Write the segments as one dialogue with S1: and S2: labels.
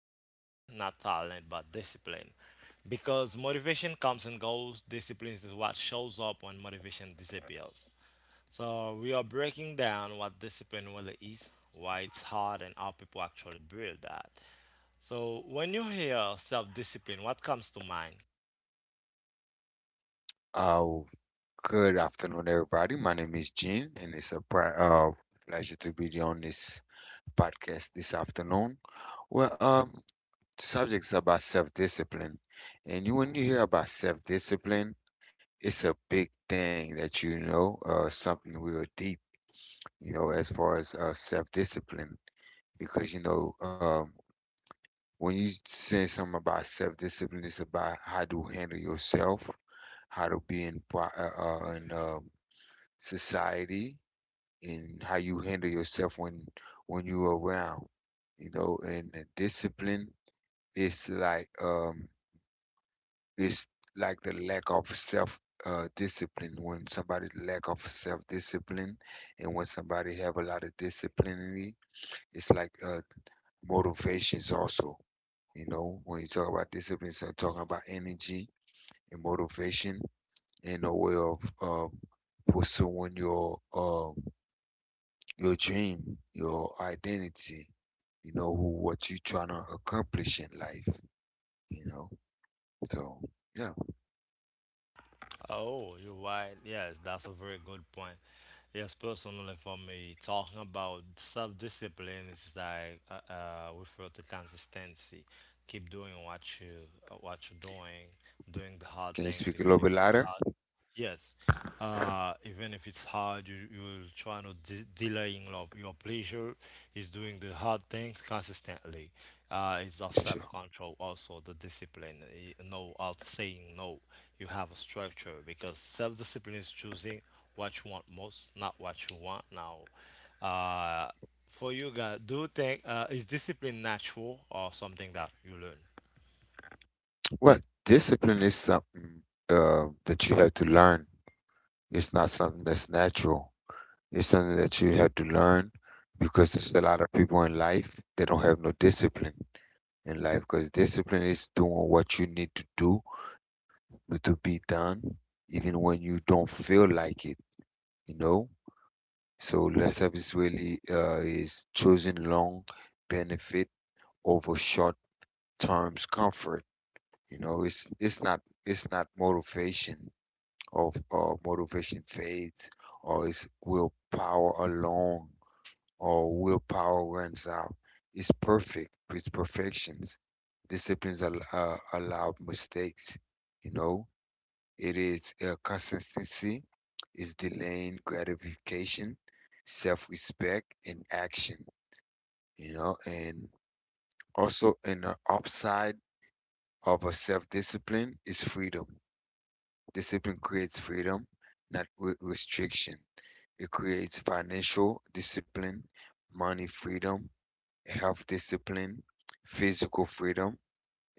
S1: motivation, not talent, but discipline. Because motivation comes and goes, discipline is what shows up when motivation disappears. So we are breaking down what discipline really is, why it's hard, and how people actually build that. So when you hear self-discipline, what comes to mind?
S2: Oh, good afternoon, everybody. My name is Gene, and it's a pleasure to be on this podcast this afternoon. Well, the subject is about self-discipline, and when you hear about self-discipline, it's a big thing that something real deep, as far as self-discipline, because when you say something about self-discipline, it's about how to handle yourself, how to be in society and how you handle yourself when you're around and the discipline is like, it's like the lack of self discipline when somebody lack of self discipline and when somebody have a lot of discipline in it, it's like motivations also. You know, when you talk about discipline, so talking about energy and motivation and a way of pursuing your dream, your identity, you know, who, what you trying to accomplish in life, you know. So, yeah.
S1: Oh, you're right. Yes, that's a very good point. Yes, personally, for me, talking about self discipline is like refer to consistency. Keep doing what you what you're doing, doing the hard
S2: Can you
S1: things
S2: speak a
S1: even
S2: little
S1: if
S2: bit
S1: it's
S2: louder?
S1: hard. Yes, even if it's hard, you will try not de delaying love. Your pleasure is doing the hard thing consistently. It's the
S2: Sure.
S1: self-control, also the discipline. You know, out saying no. You have a structure because self-discipline is choosing what you want most, not what you want now. Uh, for you guys, do you think is discipline natural or something that you learn?
S2: Well, discipline is something that you have to learn. It's not something that's natural. It's something that you have to learn because there's a lot of people in life they don't have no discipline in life, because discipline is doing what you need to do to be done even when you don't feel like it, you know. So lip service really is choosing long benefit over short terms comfort. You know, it's not, it's not motivation. Of Motivation fades, or it's willpower alone, or willpower runs out. It's perfections. Disciplines allow mistakes, you know. It is consistency, is delaying gratification, self-respect, and action. You know. And also an upside of a self-discipline is freedom. Discipline creates freedom, not restriction. It creates financial discipline, money freedom, health discipline, physical freedom,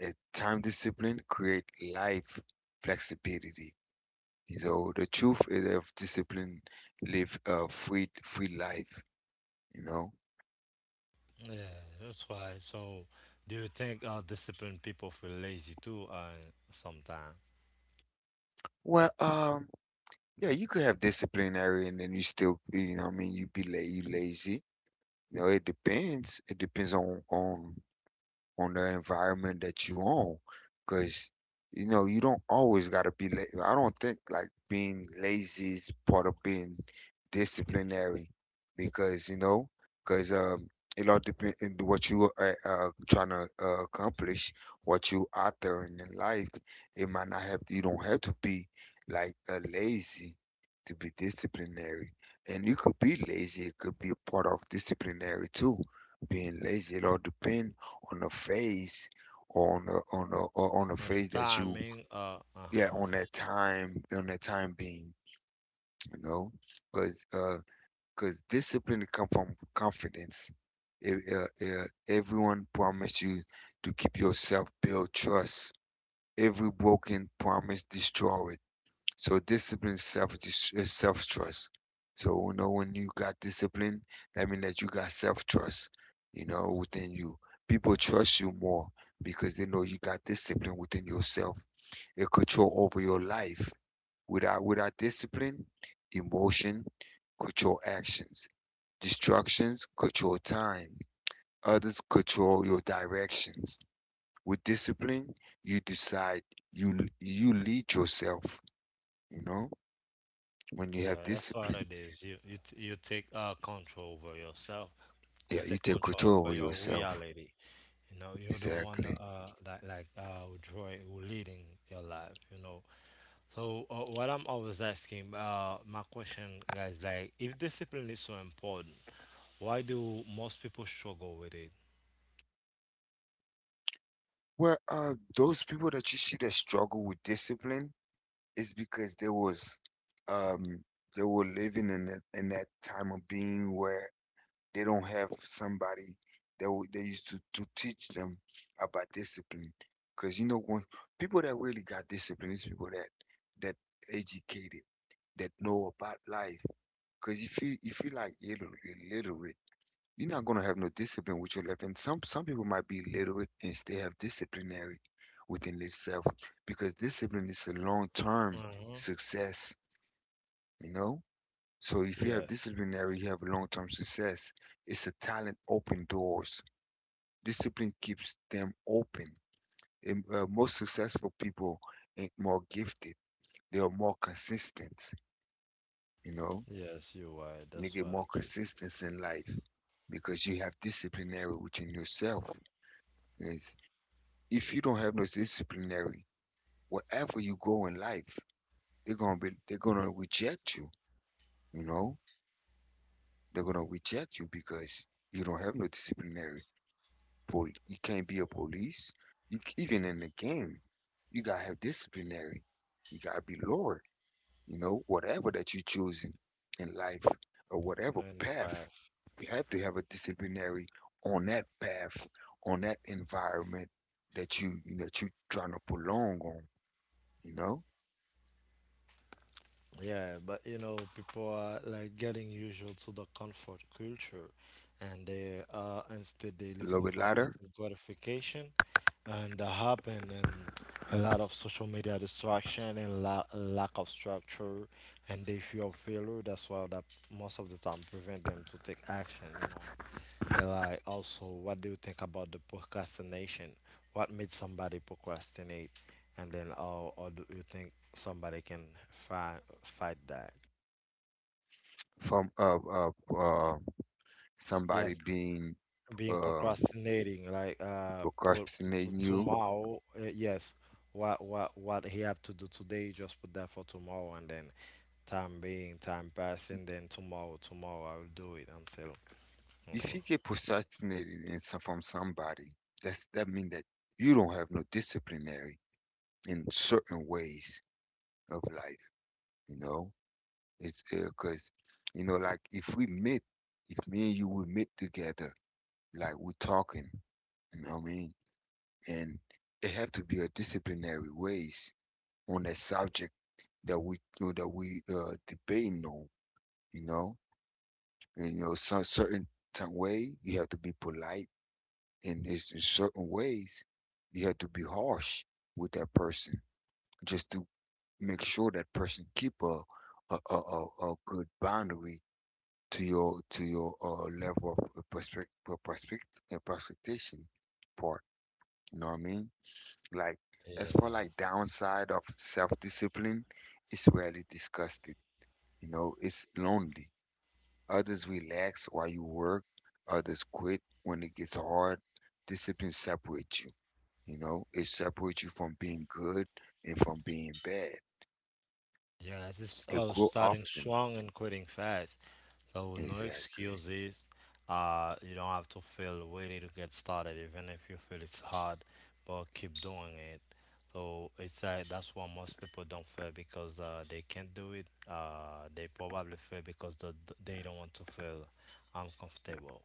S2: and time discipline create life flexibility. So the truth is of discipline live a free life, you know.
S1: Yeah, that's why. So, do you think disciplined people feel lazy too? Sometimes.
S2: Well, yeah, you could have disciplinary and then you still be, you know what I mean, you be la you lazy. You know, it depends. It depends on on the environment that you own, because you know you don't always got to be. I don't think like being lazy is part of being disciplinary, because you know, because it all depends on what you are trying to accomplish, what you out there in life. It might not have, you don't have to be like lazy to be disciplinary. And you could be lazy, it could be a part of disciplinary too. Being lazy, it all depends on the phase, or on the on the
S1: Or the
S2: phase that you,
S1: timing. Uh
S2: yeah, on
S1: huh.
S2: that time, on that time being, you know. because because discipline come from confidence. Everyone promised you to keep yourself build trust, every broken promise destroyed. So discipline is self, is self trust. So you know when you got discipline, that means that you got self trust. You know within you, people trust you more because they know you got discipline within yourself. A control over your life. Without discipline, emotion control actions. Distractions control time. Others control your directions. With discipline, you decide. You lead yourself. You know. When you have
S1: Yeah, that's what
S2: discipline,
S1: it is. You take control over yourself. You
S2: yeah, you
S1: take
S2: take
S1: control
S2: control
S1: over
S2: over
S1: your
S2: yourself.
S1: reality. You know, you're the one that
S2: Exactly.
S1: that like who drawing, who leading your life. You know. So what I'm always asking, my question, guys, like if discipline is so important, why do most people struggle with it?
S2: Well, those people that you see that struggle with discipline is because there was, um, they were living in that time of being where they don't have somebody they used to teach them about discipline. Because you know, when people that really got discipline is people that educated, that know about life. Because if you like illiterate, you're not gonna have no discipline with your left hand. Some people might be illiterate and still have disciplinary within itself, because discipline is a
S1: Uh
S2: long-term
S1: huh.
S2: success, you know? So if you have
S1: Yes,
S2: disciplinary, you have long-term success. It's a talent open doors. Discipline keeps them open. And, most successful people ain't more gifted. They are more consistent, you know?
S1: yes, you're right.
S2: You
S1: That's
S2: get
S1: what
S2: more
S1: it is.
S2: consistency in life because you have disciplinary within yourself. It's, if you don't have no disciplinary, wherever you go in life, they're gonna reject you. You know, they're gonna reject you because you don't have no disciplinary. You can't be a police. You, even in the game, you gotta have disciplinary. You gotta be lower. You know, whatever that you're choosing in life, or whatever
S1: Any
S2: path,
S1: path.
S2: you have to have a disciplinary on that path, on that environment that you're trying to prolong on. You know.
S1: Yeah, but you know, people are like getting usual to the comfort culture, and they are instead they
S2: A little
S1: looking
S2: bit
S1: for
S2: louder.
S1: instant gratification, and that happen in a lot of social media distraction and la lack of structure, and they feel failure. That's why that most of the time prevent them to take action. And like also, what do you think about the procrastination? What made somebody procrastinate? And then how do you think somebody can fight that?
S2: From uh, somebody
S1: Yes,
S2: being
S1: being
S2: uh,
S1: procrastinating, like put
S2: procrastinating
S1: to
S2: you.
S1: tomorrow. Yes, what he have to do today, just put that for tomorrow, and then time being, time passing, then tomorrow I will do it until, you
S2: If
S1: know.
S2: you get procrastinated in some, from somebody, that's that mean that you don't have no disciplinary in certain ways of life. You know, it's because you know, like if we meet, if me and you we meet together, like we're talking, you know what I mean, and it have to be a disciplinary ways on that subject that we that we debating on. You know, and, you know, some certain way you have to be polite, and it's in certain ways you have to be harsh with that person just to make sure that person keep a a, a, a, a good boundary to your to your level of perspective prospectation part. You know what I mean? Like as for
S1: Yeah.
S2: like downside of self discipline, it's rarely discussed. It, you know, it's lonely. Others relax while you work. Others quit when it gets hard. Discipline separates you. You know, it separates you from being good and from being bad.
S1: Yes, it's
S2: It
S1: all
S2: grow
S1: starting
S2: often.
S1: strong and quitting fast. So no
S2: Exactly.
S1: excuses. You don't have to feel ready to get started, even if you feel it's hard, but keep doing it. So it's like that's why most people don't fail because they can't do it. They probably fail because they don't want to feel uncomfortable.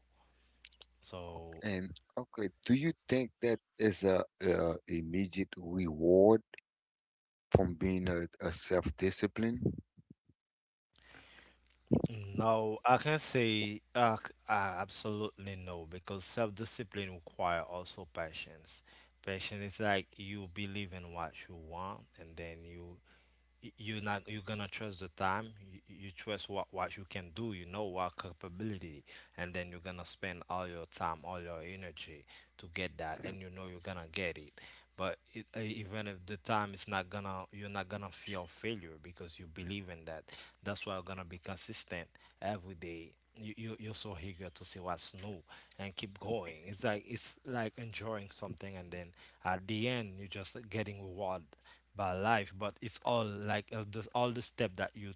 S1: So
S2: And okay, do you think that is a, immediate reward from being a self-discipline?
S1: no, I can't say absolutely no because self-discipline require also patience. Passion is like you believe in what you want and then you're not you're gonna trust the time you trust what you can do, you know what capability, and then you're gonna spend all your time, all your energy to get that, and you know you're gonna get it. But it, even if the time is not gonna, you're not gonna feel failure because you believe in that. That's why you're gonna be consistent every day. You're so eager to see what's new and keep going. It's like it's like enjoying something, and then at the end you're just getting rewarded by life. But it's all like all the step that you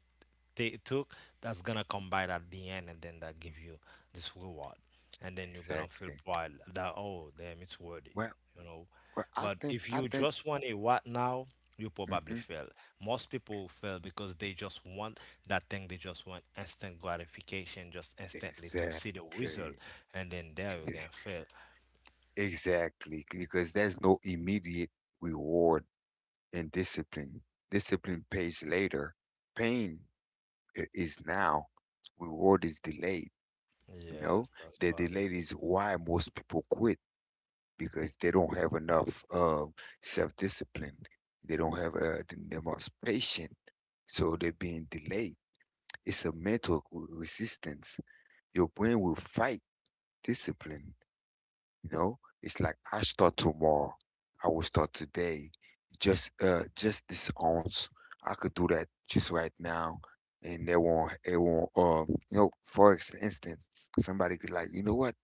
S1: they took, that's gonna combine at the end, and then that give you this reward, and then you're gonna feel
S2: Exactly.
S1: proud that oh damn, it's worth it,
S2: Well,
S1: you know.
S2: well, I
S1: But
S2: think
S1: if
S2: I
S1: you
S2: think
S1: just want a what now, you probably
S2: Hmm.
S1: fail. Most people fail because they just want that thing, they just want instant gratification, just instantly to see the result,
S2: Exactly.
S1: and then there you can fail.
S2: Exactly, because there's no immediate reward in discipline. Discipline pays later. Pain is now. Reward is delayed. You know,
S1: Yes, that's
S2: the
S1: what it
S2: delay
S1: is.
S2: is why most people quit because they don't have enough self-discipline. They don't have the most patience, so they're being delayed. It's a mental resistance. Your brain will fight discipline. You know, it's like I start tomorrow. I will start today. Just this ounce. I could do that just right now. And they won't it won't you know, for instance, somebody could like, you know what?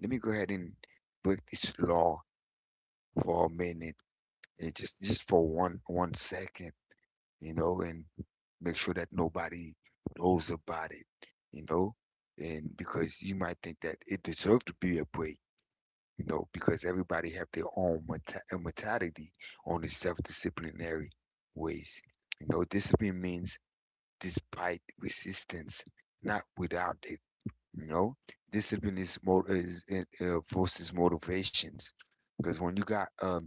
S2: Let me go ahead and break this law for a minute and just for one second, you know, and make sure that nobody knows about it, you know? And because you might think that it deserved to be a break, you know, because everybody have their own mentality on the self-disciplinary ways. You know, discipline means despite resistance, not without it. You know, discipline is versus motivations, because when you got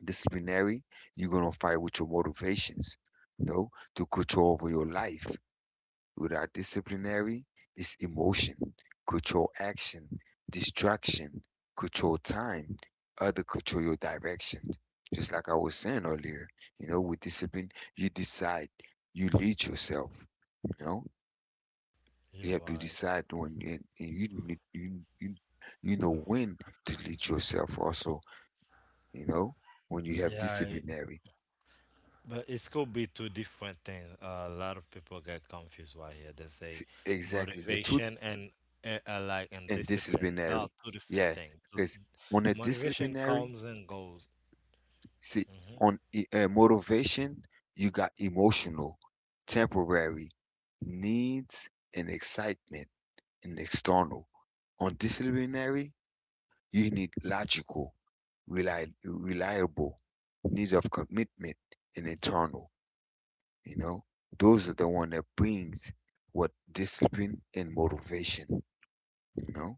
S2: disciplinary, you're gonna fight with your motivations. You know, to control over your life. Without disciplinary is emotion, control action, distraction, control time, other control your direction. Just like I was saying earlier, you know, with discipline, you decide, you lead yourself, you know. You
S1: You're
S2: have to
S1: right.
S2: decide when, and you you you know when to lead yourself also, you know, when you have
S1: Yeah.
S2: disciplinary.
S1: But it could be two different things. A lot of people get confused right here. They say
S2: See, exactly the two
S1: motivation and and
S2: and
S1: discipline. They are
S2: disciplinary.
S1: two different
S2: Yeah,
S1: things. So,
S2: because on a
S1: motivation
S2: disciplinary,
S1: comes and goes.
S2: see,
S1: Mhm.
S2: on motivation, you got emotional, temporary, needs, and excitement, and external. On disciplinary, you need logical, reliable, needs of commitment, and internal. You know, those are the one that brings what discipline and motivation. You know.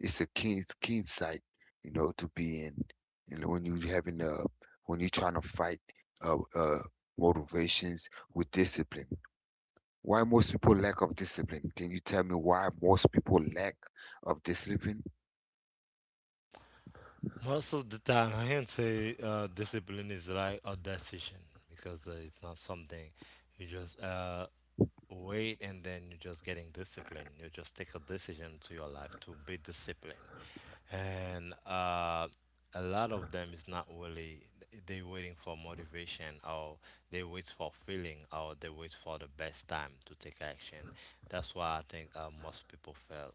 S2: It's a keen sight, you know, to be in. You know, when you having when you're trying to fight uh, uh motivations with discipline. Why most people lack of discipline? Can you tell me why most people lack of discipline?
S1: Most of the time, I can say discipline is like a decision because it's not something you just wait and then you're just getting disciplined. You just take a decision to your life to be disciplined. And a lot of them is not really, they waiting for motivation, or they wait for feeling, or they wait for the best time to take action. That's why I think most people fail.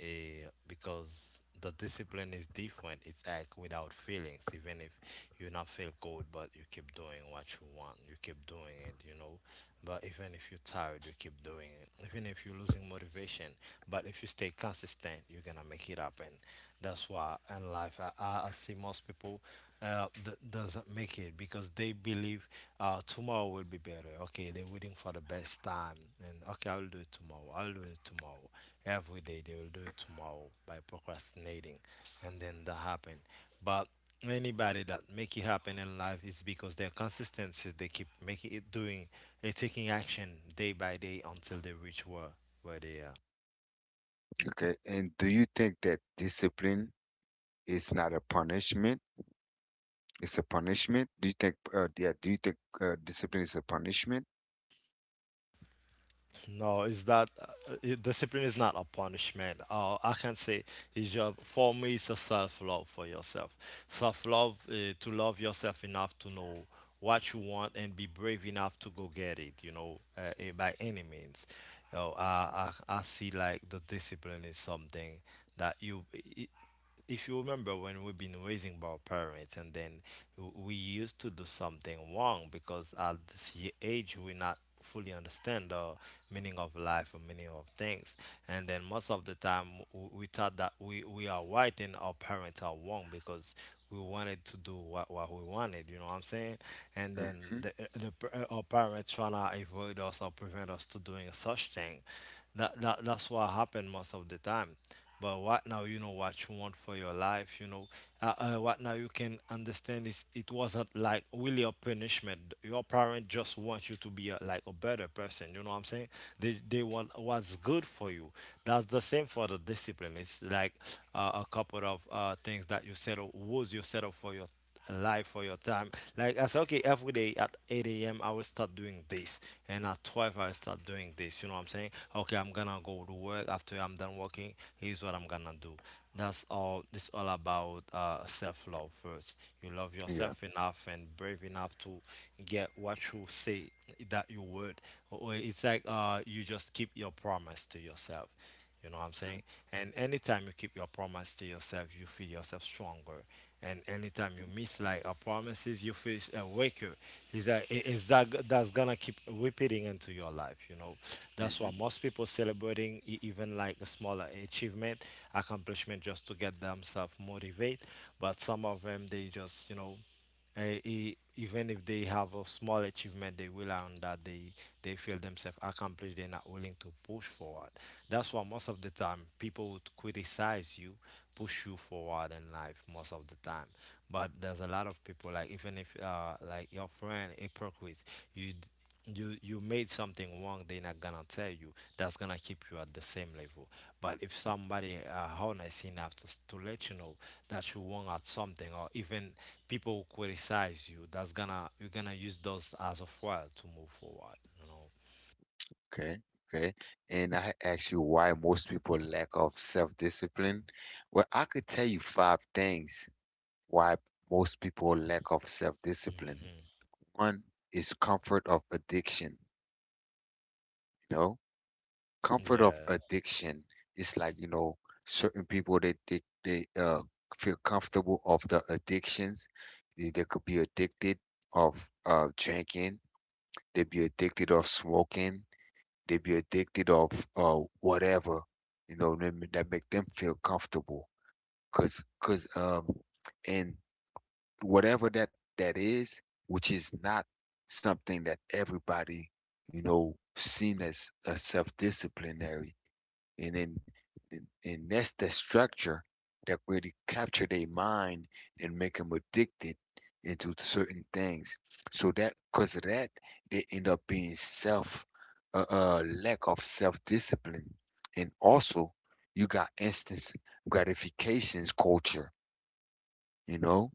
S1: Eh, because the discipline is different, it's act without feelings. Even if you not feel good, but you keep doing what you want, you keep doing it, you know. But even if you're tired, you keep doing it, even if you're losing motivation, but if you stay consistent, you're gonna make it happen. That's why in life I see most people doesn't make it because they believe tomorrow will be better. Okay, they're waiting for the best time, and okay, I'll do it tomorrow. I'll do it tomorrow. Every day they will do it tomorrow by procrastinating, and then that happen. But anybody that make it happen in life is because their consistency. They keep making it doing, they taking action day by day until they reach where they are.
S2: Okay, and do you think that discipline, it's not a punishment. It's a punishment. Do you think? Yeah. Do you think discipline is a punishment?
S1: No, is that discipline is not a punishment. I can say it's just for me. It's a self-love for yourself. Self-love to love yourself enough to know what you want and be brave enough to go get it. You know, by any means. You know, I see like the discipline is something that you, if you remember when we've been raising by our parents, and then we used to do something wrong because at this age we not fully understand the meaning of life or meaning of things. And then most of the time we thought that we are right and our parents are wrong because we wanted to do what we wanted, you know what I'm saying. And then
S2: Hmm.
S1: the, our parents trying to avoid us or prevent us to doing such thing, that's what happened most of the time. But what now, you know what you want for your life. You know, what now you can understand is it wasn't like really a punishment. Your parent just want you to be a, like a better person. You know what I'm saying? They want what's good for you. That's the same for the discipline. It's like a couple of things that you set up, rules you set up for your life, for your time. Like I said, okay, every day at 8 a.m. I will start doing this, and at 12 I will start doing this. You know what I'm saying? Okay, I'm gonna go to work after I'm done working. Here's what I'm gonna do. That's all. It's all about self-love first. You love
S2: Yeah.
S1: yourself enough and brave enough to get what you say that you would. Or it's like you just keep your promise to yourself. You know what I'm saying? And anytime you keep your promise to yourself, you feel yourself stronger. And anytime you miss like a promises, you feel a weaker. Is that is that that's gonna keep repeating into your life? You know, that's
S2: Mm-hmm.
S1: why most people celebrating even like a smaller achievement, accomplishment, just to get themselves motivated. But some of them they just, you know. Even if they have a small achievement, they will on that they feel themselves accomplished. They're not willing to push forward. That's why most of the time people would criticize you, push you forward in life most of the time. But there's a lot of people like even if like your friend hypocrite, you you you made something wrong, they're not gonna tell you, that's gonna keep you at the same level. But if somebody honest enough to, to let you know that you're wrong at something, or even people who criticize you, that's gonna you're gonna use those as a foil to move forward. You
S2: Okay. Okay. And I asked you why most people lack of self-discipline. Well, I could tell you five things why most people lack of
S1: know.
S2: self-discipline.
S1: Hmm.
S2: One is comfort of addiction. You know, comfort of
S1: Yeah,
S2: addiction is like you know certain people they feel comfortable of the addictions they could be addicted of drinking they be addicted of smoking they be addicted of whatever you know that that make them feel comfortable. Cause um and whatever that is, which is not something that everybody, you know, seen as a self-disciplinary. And then and that's the structure that really capture their mind and make them addicted into certain things. So that because of that, they end up being self, lack of self-discipline. And also you got instant gratifications culture, you know.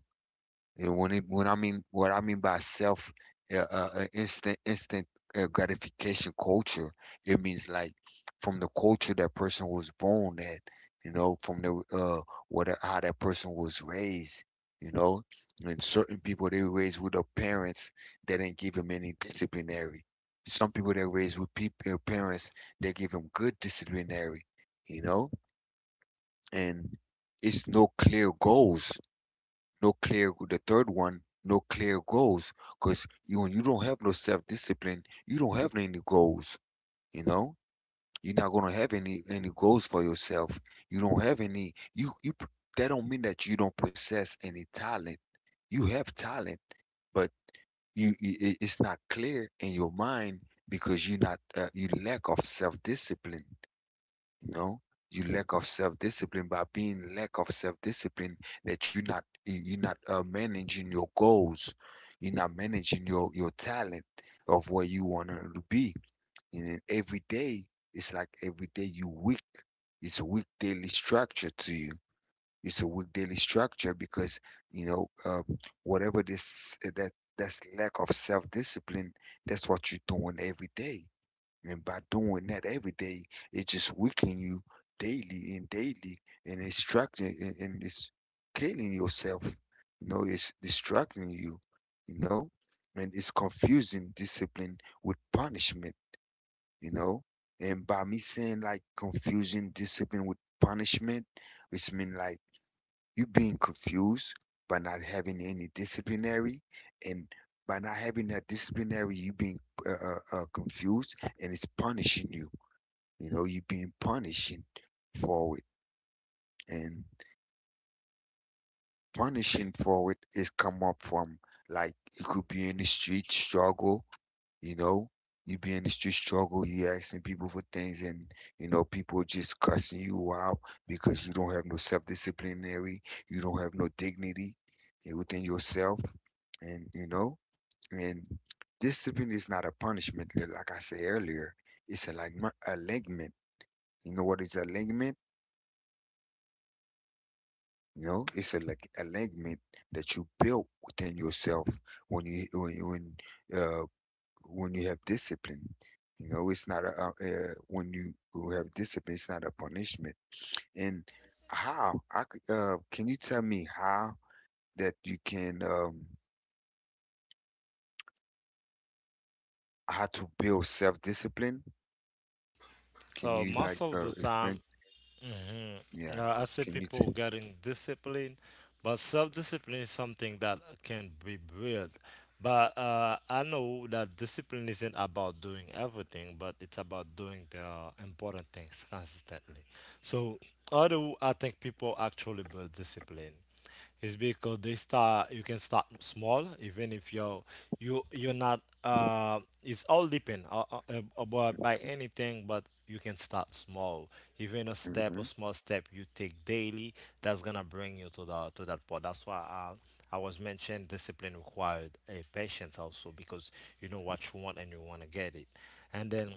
S2: You know, when it, when I mean what I mean by self, instant gratification culture, it means like from the culture that person was born at, you know, from the what how that person was raised, you know, and certain people they raised with their parents, they didn't give them any disciplinary. Some people they raised with people parents, they give them good disciplinary, you know, and it's no clear goals, no clear, the third one, no clear goals. Because you when you don't have no self-discipline, you don't have any goals, you know, you're not gonna have any goals for yourself. You don't have any you that don't mean that you don't possess any talent. You have talent, but it's not clear in your mind because you're not you lack of self-discipline. No, you lack of self-discipline by being lack of self-discipline, that you're not managing your goals. You're not managing your talent of where you want to be. And then every day, it's like every day you weak. It's a weak daily structure to you. It's a weak daily structure because you know whatever this that's lack of self-discipline. That's what you're doing every day. And by doing that every day, it just weakening you daily and daily, and it's structuring and it's killing yourself. You know, it's distracting you, you know, and it's confusing discipline with punishment, you know. And by me saying like confusing discipline with punishment, it's mean like you being confused by not having any disciplinary, and by not having that disciplinary, you being confused, and it's punishing you, you know, you're being punishing for it. And punishing for it is come up from, like, it could be in the street struggle, you know. You be in the street struggle, you asking people for things, and you know, people just cussing you out because you don't have no self disciplinary, you don't have no dignity, eh, within yourself, and you know, and discipline is not a punishment, like I said earlier. It's a like alignment. You know what is alignment? You know, it's a like alignment that you build within yourself when you uh when you have discipline. You know, it's not a when you who have discipline, it's not a punishment. And how can you tell me how that you can how to build self-discipline? Can
S1: so
S2: you like
S1: most of the time,
S2: explain?
S1: hmm,
S2: Yeah,
S1: I say
S2: can you
S1: people
S2: tell?
S1: getting discipline, but self-discipline is something that can be built. But I know that discipline isn't about doing everything, but it's about doing the important things consistently. So, although I think people actually build discipline? It's because they start. You can start small even if you're you're not it's all depend about by anything, but you can start small, even a step,
S2: Mm-hmm.
S1: a small step you take daily. That's gonna bring you to the to that point. That's why I was mentioned discipline required a patience, also because you know what you want and you want to get it, and then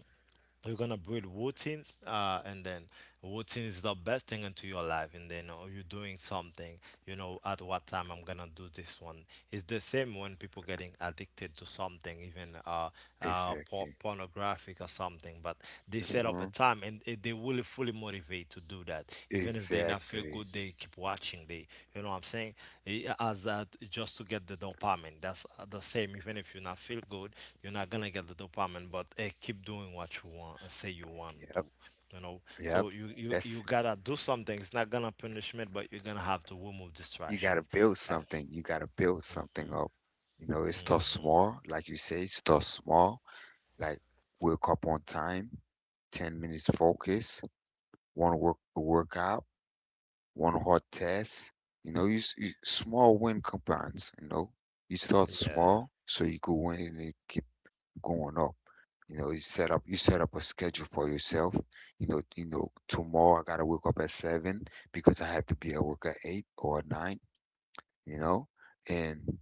S1: you're gonna build routines, and then routine is the best thing into your life. And then you're doing something, you know, at what time I'm gonna do this one. It's the same when people getting addicted to something, even
S2: Exactly.
S1: pornographic or something. But they set up a
S2: Hmm.
S1: time, and they will fully motivate to do that. Even if they not feel good,
S2: Exactly.
S1: they keep watching. They, you know what I'm saying. As just to get the dopamine, that's the same. Even if you not feel good, you're not gonna get the dopamine, but keep doing what you want, say you want to
S2: Yep.
S1: do, you know.
S2: Yep.
S1: So you
S2: That's
S1: gotta do something. It's not gonna punishment, but you're gonna have to remove
S2: you got to
S1: distractions.
S2: build
S1: Uh,
S2: something. You got to build something up. You know, it starts small, like you say, start small. Like wake up on time, 10 minutes focus, one work workout, one hard test. You know, you small win compounds. You know, you start
S1: yeah.
S2: small so you go win and you keep going up. You know, you set up a schedule for yourself. You know tomorrow I gotta wake up at seven because I have to be at work at eight or nine. You know, and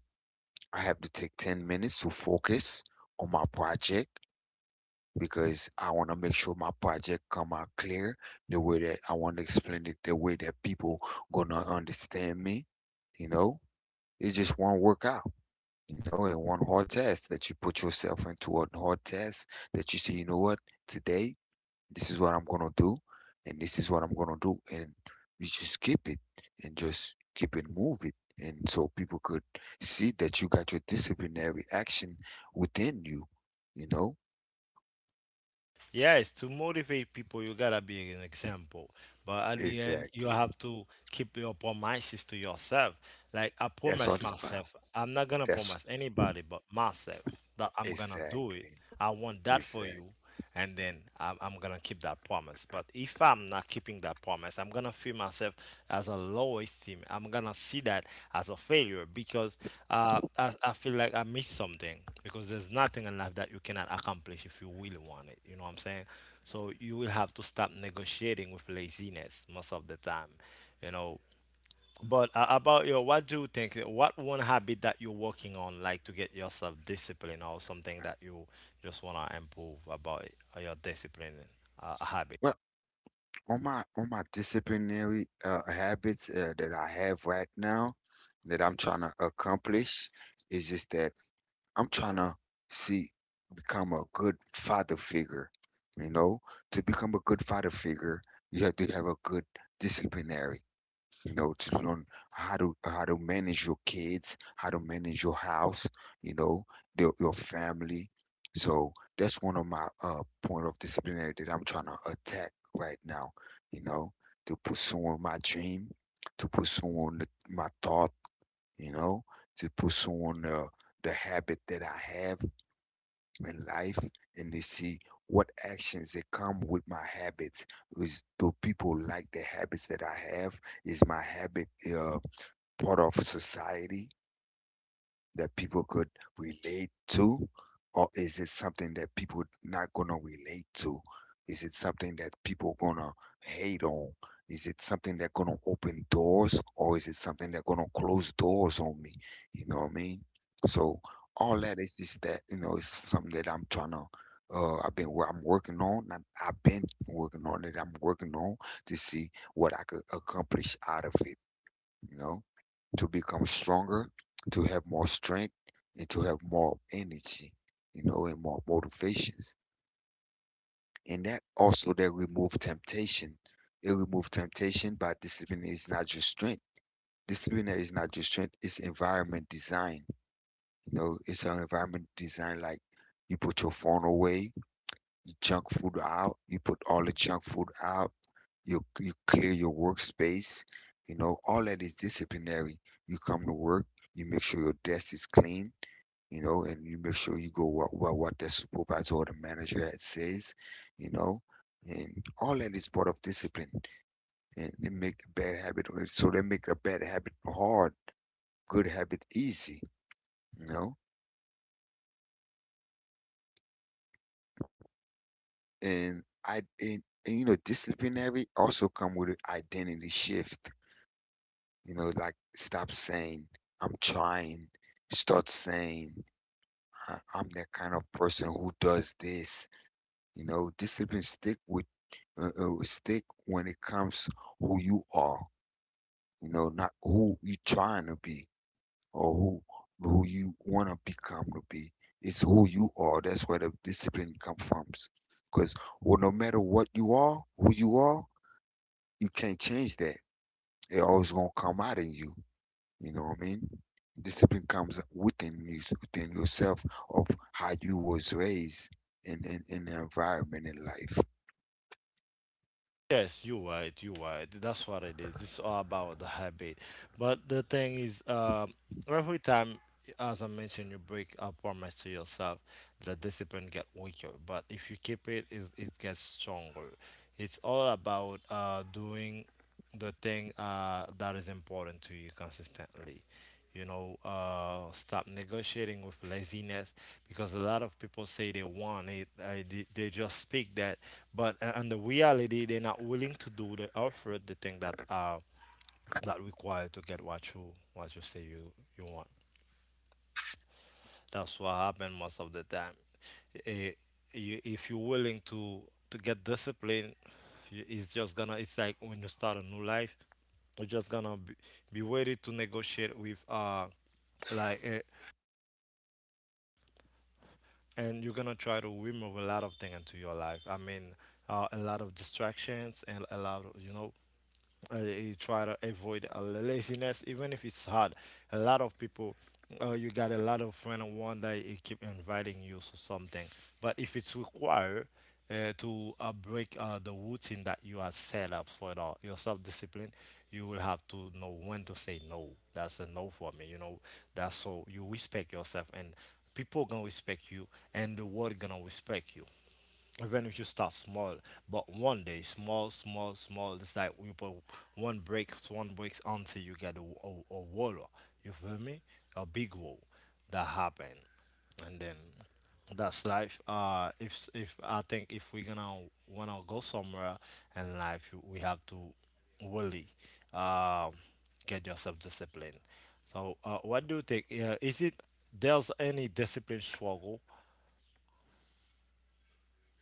S2: I have to take 10 minutes to focus on my project because I want to make sure my project come out clear the way that I want to explain it, the way that people gonna understand me. You know, it's just one workout, you know, and one hard test, that you put yourself into a hard test that you say, you know what, today this is what I'm gonna do, and this is what I'm gonna do, and you just keep it and just keep it move it. And so people could see that you got your disciplinary action within you, you know?
S1: Yes, to motivate people, you gotta be an example. But at the end, you
S2: Exactly.
S1: have to keep your promises to yourself. Like I
S2: That's all
S1: promise
S2: it's about.
S1: myself, I'm not gonna
S2: That's
S1: promise anybody but myself that I'm gonna do it.
S2: exactly.
S1: I want that for
S2: Exactly.
S1: you, and then I'm gonna keep that promise. But if I'm not keeping that promise, I'm gonna feel myself as a low esteem. I'm gonna see that as a failure because I feel like I missed something, because there's nothing in life that you cannot accomplish if you really want it. You know what I'm saying? So you will have to stop negotiating with laziness most of the time. You know. But about your, what do you think? What one habit that you're working on, like to get yourself discipline, or something that you just wanna improve about it, or your discipline habit?
S2: Well, on my disciplinary habits that I have right now that I'm trying to accomplish is just that. I'm trying to see, become a good father figure. You know, to become a good father figure, you have to have a good disciplinary. You know, to learn how to manage your kids, how to manage your house. You know, the, your family. So that's one of my point of disciplinary that I'm trying to attack right now. You know, to pursue my dream, to pursue the, my thought, you know, to put on the habit that I have in life, and they see what actions that come with my habits. Is do people like the habits that I have? Is my habit uh, part of society that people could relate to, or is it something that people not gonna relate to? Is it something that people gonna hate on? Is it something that gonna open doors, or is it something that gonna close doors on me? You know what I mean? So all that is just that, you know, it's something that I'm trying to. I've been where I'm working on. Not I've been working on it. I'm working on to see what I could accomplish out of it. You know, to become stronger, to have more strength, and to have more energy, you know, and more motivations. And that also that remove temptation. It remove temptation, by discipline is not just strength. Discipline is not just strength, it's environment design. You know, it's an environment design, like you put your phone away, junk food out. You put all the junk food out. You clear your workspace. You know, all that is disciplinary. You come to work. You make sure your desk is clean. You know, and you make sure you go what what the supervisor or the manager had says. You know, and all that is part of discipline. And they make a bad habit. So they make a bad habit hard. Good habit easy. You know, and and you know disciplinary also come with an identity shift. You know, like stop saying I'm trying. Start saying I'm that kind of person who does this. You know, discipline stick with stick when it comes who you are. You know, not who you trying to be, or who you want to become to be. It's who you are. That's where the discipline comes from. Because, well, no matter what you are, who you are, you can't change that. It always gonna come out in you. You know what I mean? Discipline comes within you, within yourself, of how you was raised in, in the environment in life.
S1: Yes, you're right. You're right. That's what it is. It's all about the habit. But the thing is, every time, as I mentioned, you break a promise to yourself, the discipline get weaker. But if you keep it, it gets stronger. It's all about doing the thing that is important to you consistently. You know, stop negotiating with laziness, because a lot of people say they want it. They just speak that, but in the reality, they're not willing to do the effort, the thing that that required to get what you say you want. That's what happens most of the time. Eh, you, if you're willing to get disciplined, you- it's just gonna. It's like when you start a new life, you're just gonna be ready to negotiate with like and you're gonna try to remove a lot of things into your life. I mean, a lot of distractions and a lot of you know you try to avoid laziness, even if it's hard. A lot of people, you got a lot of friend and one that it keep inviting you to something. But if it's required to break the routine that you are set up for it, all your self-discipline, you will have to know when to say no. That's a no for me, you know. That's, so you respect yourself, and people gonna respect you, and the world gonna respect you, even if you start small. But one day, small, small, small, it's like you put one break, one breaks, until you get a wall, you feel me, a big wall. That happen, and then that's life. If I think if we're gonna wanna go somewhere in life, you- we have to really um get yourself disciplined. So what do you think, yeah, is it, there's any discipline struggle?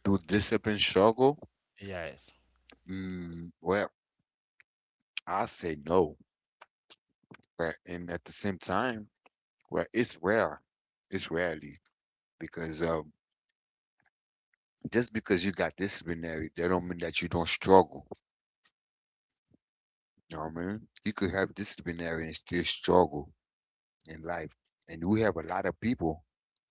S2: Do discipline struggle?
S1: Yes.
S2: Mm, well, I say no. But and at the same time, well, it's rare. It's rarely because just because you got disciplinary, that don't mean that you don't struggle. You know what I mean? You could have disciplinary and still struggle in life. And we have a lot of people,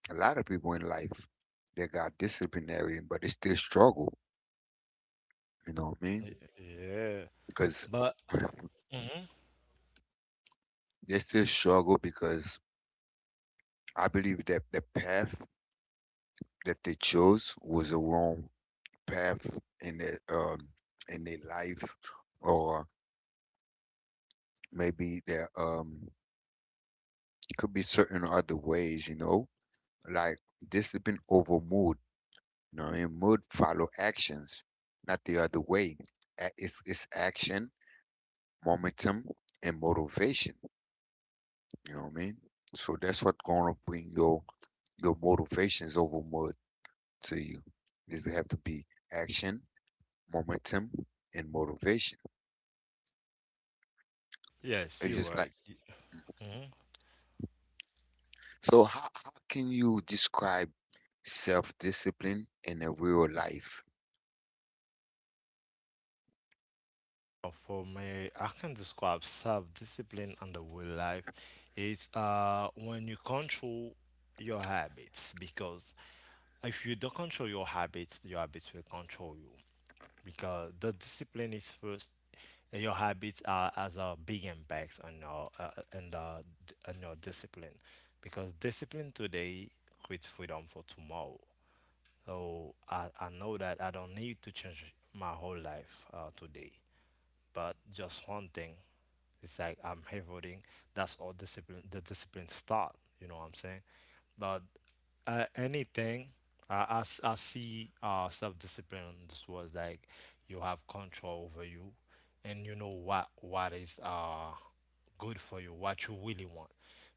S2: a lot of people in life that got disciplinary, but they still struggle. You know what I mean?
S1: Y- yeah.
S2: Because
S1: But mhm,
S2: they still struggle because I believe that the path that they chose was a wrong path in their life, or maybe there could be certain other ways, you know, like discipline over mood. You know what I mean? Mood follow actions, not the other way. It's action, momentum, and motivation. You know what I mean? So that's what's gonna bring your motivations over mood to you. Is have to be action, momentum, and motivation.
S1: yes,
S2: It's
S1: you're
S2: just like
S1: right. Hmm.
S2: so. How can you describe self discipline in a real life?
S1: For me, I can describe self-discipline in the real life. It's when you control your habits, because if you don't control your habits will control you. Because the discipline is first, and your habits are as a big impacts on your on your discipline. Because discipline today creates freedom for tomorrow. Oh, I know that I don't need to change my whole life today, but just one thing. It's like I'm here voting. That's all discipline. The discipline start. You know what I'm saying? But anything I see self-discipline in this was like you have control over you, and you know what is good for you, what you really want.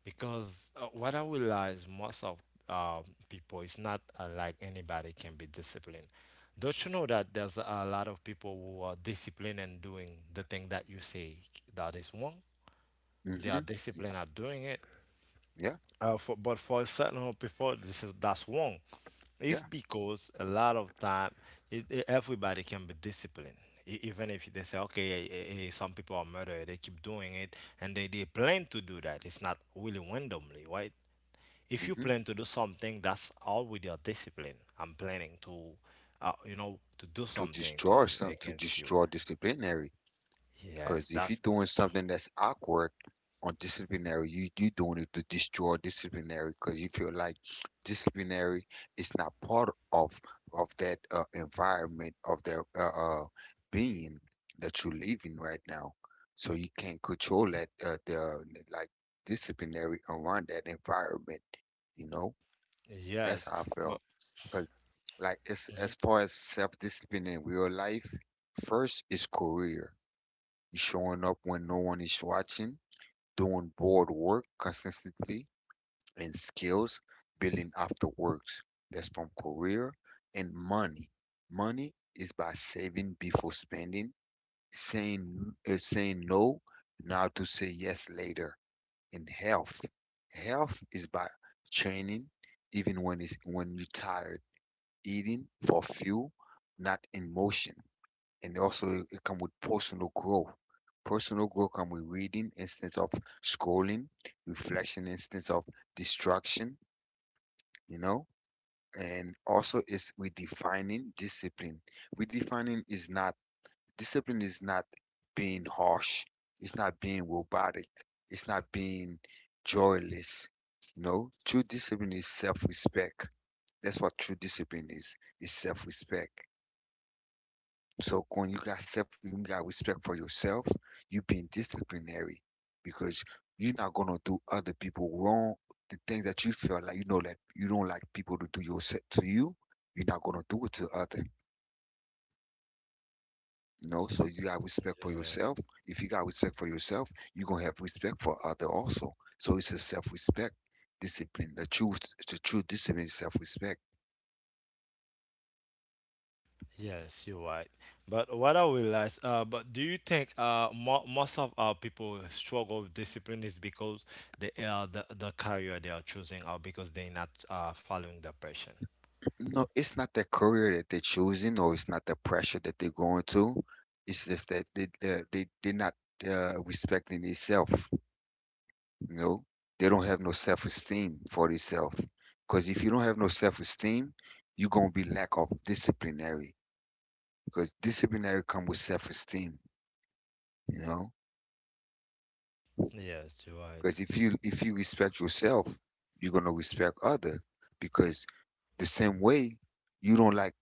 S1: Because what I realize most of um, people, it's not like anybody can be disciplined. Don't you know that there's a lot of people who are disciplined and doing the thing that you say that is wrong? They are
S2: Hmm. Yeah,
S1: disciplined at doing it.
S2: yeah,
S1: But for certain of before this is that's wrong. It's
S2: yeah.
S1: because a lot of time it- everybody can be disciplined. Even if they say, okay, some people are murder, they keep doing it, and they plan to do that. It's not really randomly, right? If you
S2: Hmm.
S1: plan to do something, that's all with your discipline. I'm planning to, you know, to do
S2: To
S1: something to
S2: destroy
S1: you
S2: some, to
S1: against you.
S2: destroy disciplinary,
S1: Yes,
S2: because if you're
S1: that's
S2: doing something that's awkward on disciplinary, you doing it to destroy disciplinary because you feel like disciplinary is not part of that environment of that being that you live in right now. So you can't control that the, like, disciplinary around that environment, you know. That's
S1: yes,
S2: how I
S1: but.
S2: felt. Like, as
S1: Mhm.
S2: far as self-discipline in real life, first is career. You showing up when no one is watching, doing board work consistently, and skills building after works. That's from career. And money. Money is by saving before spending, saying no now to say yes later. And health, health is by training even when it's when you're tired, eating for fuel, not emotion. And also it come with personal growth. Personal growth come with reading instead of scrolling, reflection instead of distraction, you know. And also it's redefining discipline. Redefining is not, discipline is not being harsh. It's not being robotic. It's not being joyless. No, true discipline is self-respect. That's what true discipline is. It's self-respect. So when you got self, you got respect for yourself, you being disciplinary, because you're not gonna do other people wrong. The things that you feel like you know that you don't like people to do your set to you, you're not gonna do it to other. You know, so you got respect for yourself. If you got respect for yourself, you're gonna have respect for other also. So it's a self-respect discipline. The true discipline is self-respect.
S1: Yes, you're right. But what I realize, but do you think mo most of our people struggle with discipline is because they are the career they are choosing, or because they're not following the passion?
S2: No, it's not the career that they're choosing, or it's not the pressure that they're going to. It's just that they're not respecting themselves. You know, they don't have no self-esteem for themselves. Because if you don't have no self-esteem, you're gonna be lack of disciplinary. Because disciplinary come with self-esteem. You know.
S1: Yes, you're right.
S2: Because if you respect yourself, you're gonna respect others. Because the same way you don't like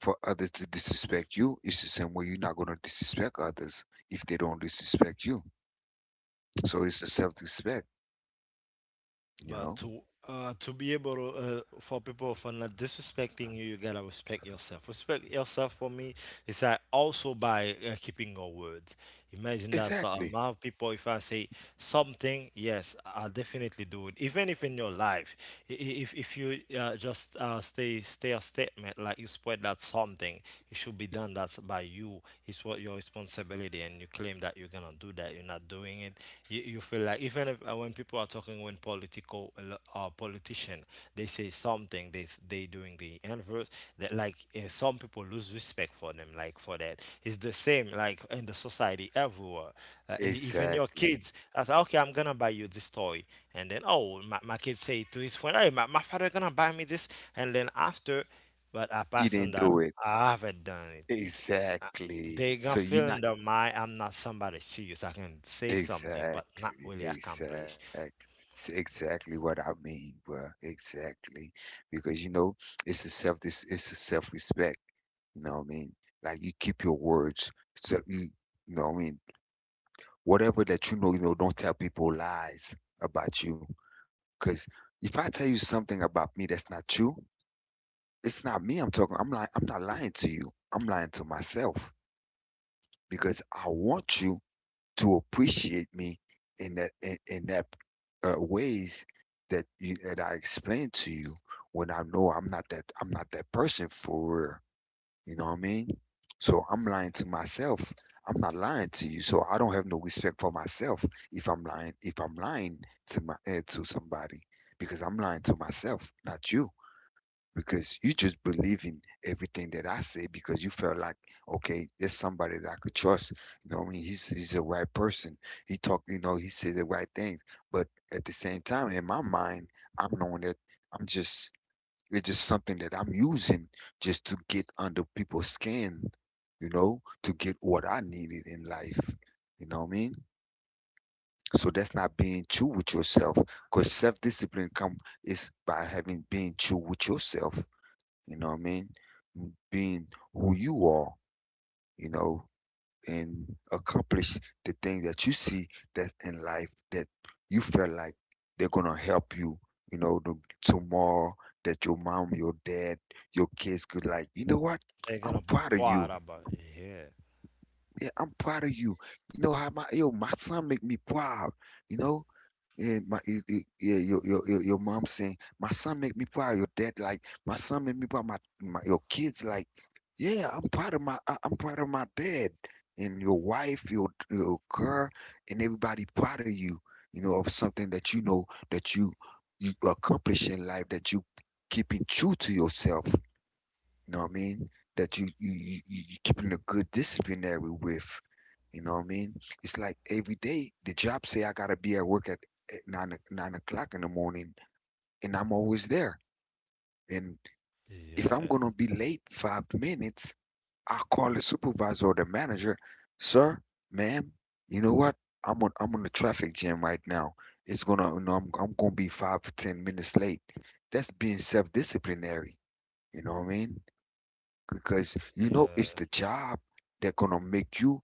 S2: for others to disrespect you, it's the same way you're not gonna disrespect others if they don't disrespect you. So it's a self-respect, you
S1: But
S2: know?
S1: to be able to for people for not disrespecting you, you gotta respect yourself. Respect yourself for me is that also by keeping your word. Imagine that so
S2: Exactly.
S1: amount of people. If I say something, yes, I'll definitely do it. Even if in your life, if you just stay stay a statement like you spread that something, it should be done. That's by you. It's what your responsibility, and you claim that you're gonna do that. You're not doing it. You feel like, even if when people are talking, when political politician, they say something, they doing the inverse. That like some people lose respect for them, like for that. It's the same like in the society, everywhere even your
S2: Exactly.
S1: kids. I say, okay, I'm gonna buy you this toy, and then, oh, my kid say to his friend, hey, my father gonna buy me this, and then after, but I
S2: You
S1: pass on
S2: didn't
S1: that.
S2: do it.
S1: I haven't done it.
S2: Exactly.
S1: They gonna
S2: So you're
S1: feel in
S2: not
S1: their mind, I'm not somebody serious. I can say something but not
S2: exactly,
S1: really accomplish.
S2: exactly. It's exactly what I mean, bro. Exactly. Because you know, it's a self-respect. You know what I mean? Like you keep your words. So you know what I mean? Whatever that don't tell people lies about you. Cause if I tell you something about me that's not true, it's not me I'm talking. I'm not lying to you. I'm lying to myself because I want you to appreciate me in that ways that you that I explained to you when I know I'm not that person for real. You know what I mean? So I'm lying to myself. I'm not lying to you. So I don't have no respect for myself if I'm lying to my to somebody because I'm lying to myself, not you. Because you just believe in everything that I say because you felt like okay, there's somebody that I could trust. You know what I mean? He's a right person. He talked, you know, he said the right things. But at the same time, in my mind, I'm knowing that I'm just it's just something that I'm using just to get under people's skin, you know, to get what I needed in life. You know what I mean? So that's not being true with yourself, because self-discipline come is by having being true with yourself. You know what I mean? Being who you are. You know, and accomplish the thing that you see that in life that you feel like they're gonna help you, you know, the, tomorrow that your mom, your dad, your kids could like, you know what?
S1: They're
S2: I'm
S1: gonna be
S2: proud of
S1: proud
S2: you.
S1: about it. Yeah,
S2: Yeah, I'm proud of you. You know how my son make me proud, you know? Yeah, your your mom saying, my son make me proud. Your dad like, my son make me proud. My your kids like, yeah, I'm proud of my dad and your wife, your girl, and everybody proud of you. You know of something that you know that you accomplish in life that you keeping true to yourself. You know what I mean? That you keeping a good disciplinary with. You know what I mean? It's like every day the job say I gotta be at work at 9 o'clock in the morning, and I'm always there. And if I'm
S1: yeah,
S2: gonna be late 5 minutes, I call the supervisor or the manager, sir, ma'am. You know what? I'm on the traffic jam right now. It's gonna you know, I'm gonna be 5 to 10 minutes late. That's being self-disciplinary. You know what I mean? Because you know it's
S1: yeah,
S2: the job that gonna make you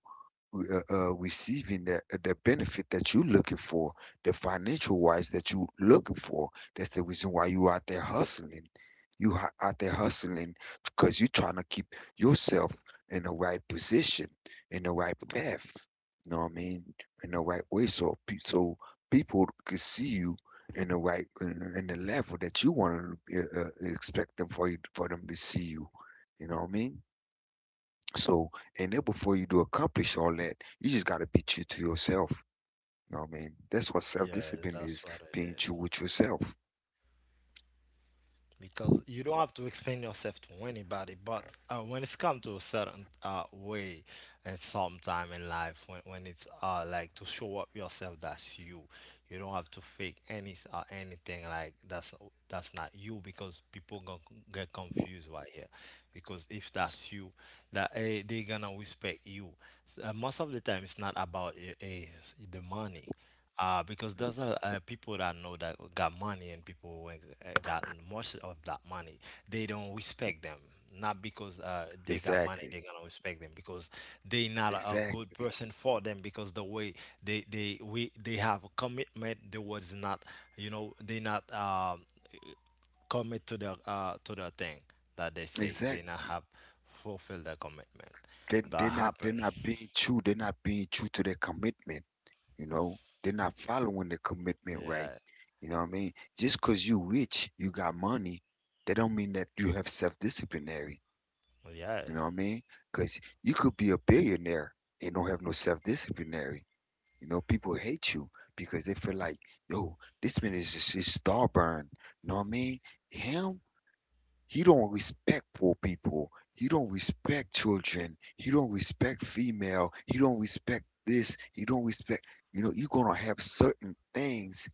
S2: receiving the benefit that you're looking for, the financial wise that you're looking for. That's the reason why you out there hustling. Out there hustling because you're trying to keep yourself in the right position, in the right path. You know what I mean? In the right way, so people can see you in the right in the level that you want to expect them for you, for them to see you. You know what I mean? So, and then before you do accomplish all that, you just got to be true to yourself. You know what I mean? That's what self
S1: yeah.
S2: discipline
S1: That's
S2: is,
S1: what it
S2: being
S1: is.
S2: true with yourself.
S1: Because you don't have to explain yourself to anybody. But when it's come to a certain way, and sometime in life, when it's like, to show up yourself, that's you. You don't have to fake any or anything like that's not you, because people gonna get confused right here. Because if that's you, that they gonna respect you. Most of the time, it's not about the money. Because there's a people that know that got money, and people who ain't got much of that money, they don't respect them, not because they got
S2: Exactly.
S1: money they're gonna respect them, because they not a
S2: Exactly.
S1: good person for them, because the way they have a commitment, the words, not, you know, they not commit to the thing that they say,
S2: Exactly.
S1: they not have fulfilled their commitment. That happened.
S2: They're not being true. They're not being true to their commitment. You know, they're not following the commitment right.
S1: Yeah.
S2: You know what I mean? Just cause you rich, you got money, that don't mean that you have self disciplinary.
S1: Yeah.
S2: You know what I mean? Cause you could be a billionaire and don't have no self disciplinary. You know, people hate you because they feel like, yo, this man is just is starburn. You know what I mean? Him, he don't respect poor people. He don't respect children. He don't respect female. He don't respect this. He don't respect. You know, you're gonna have certain things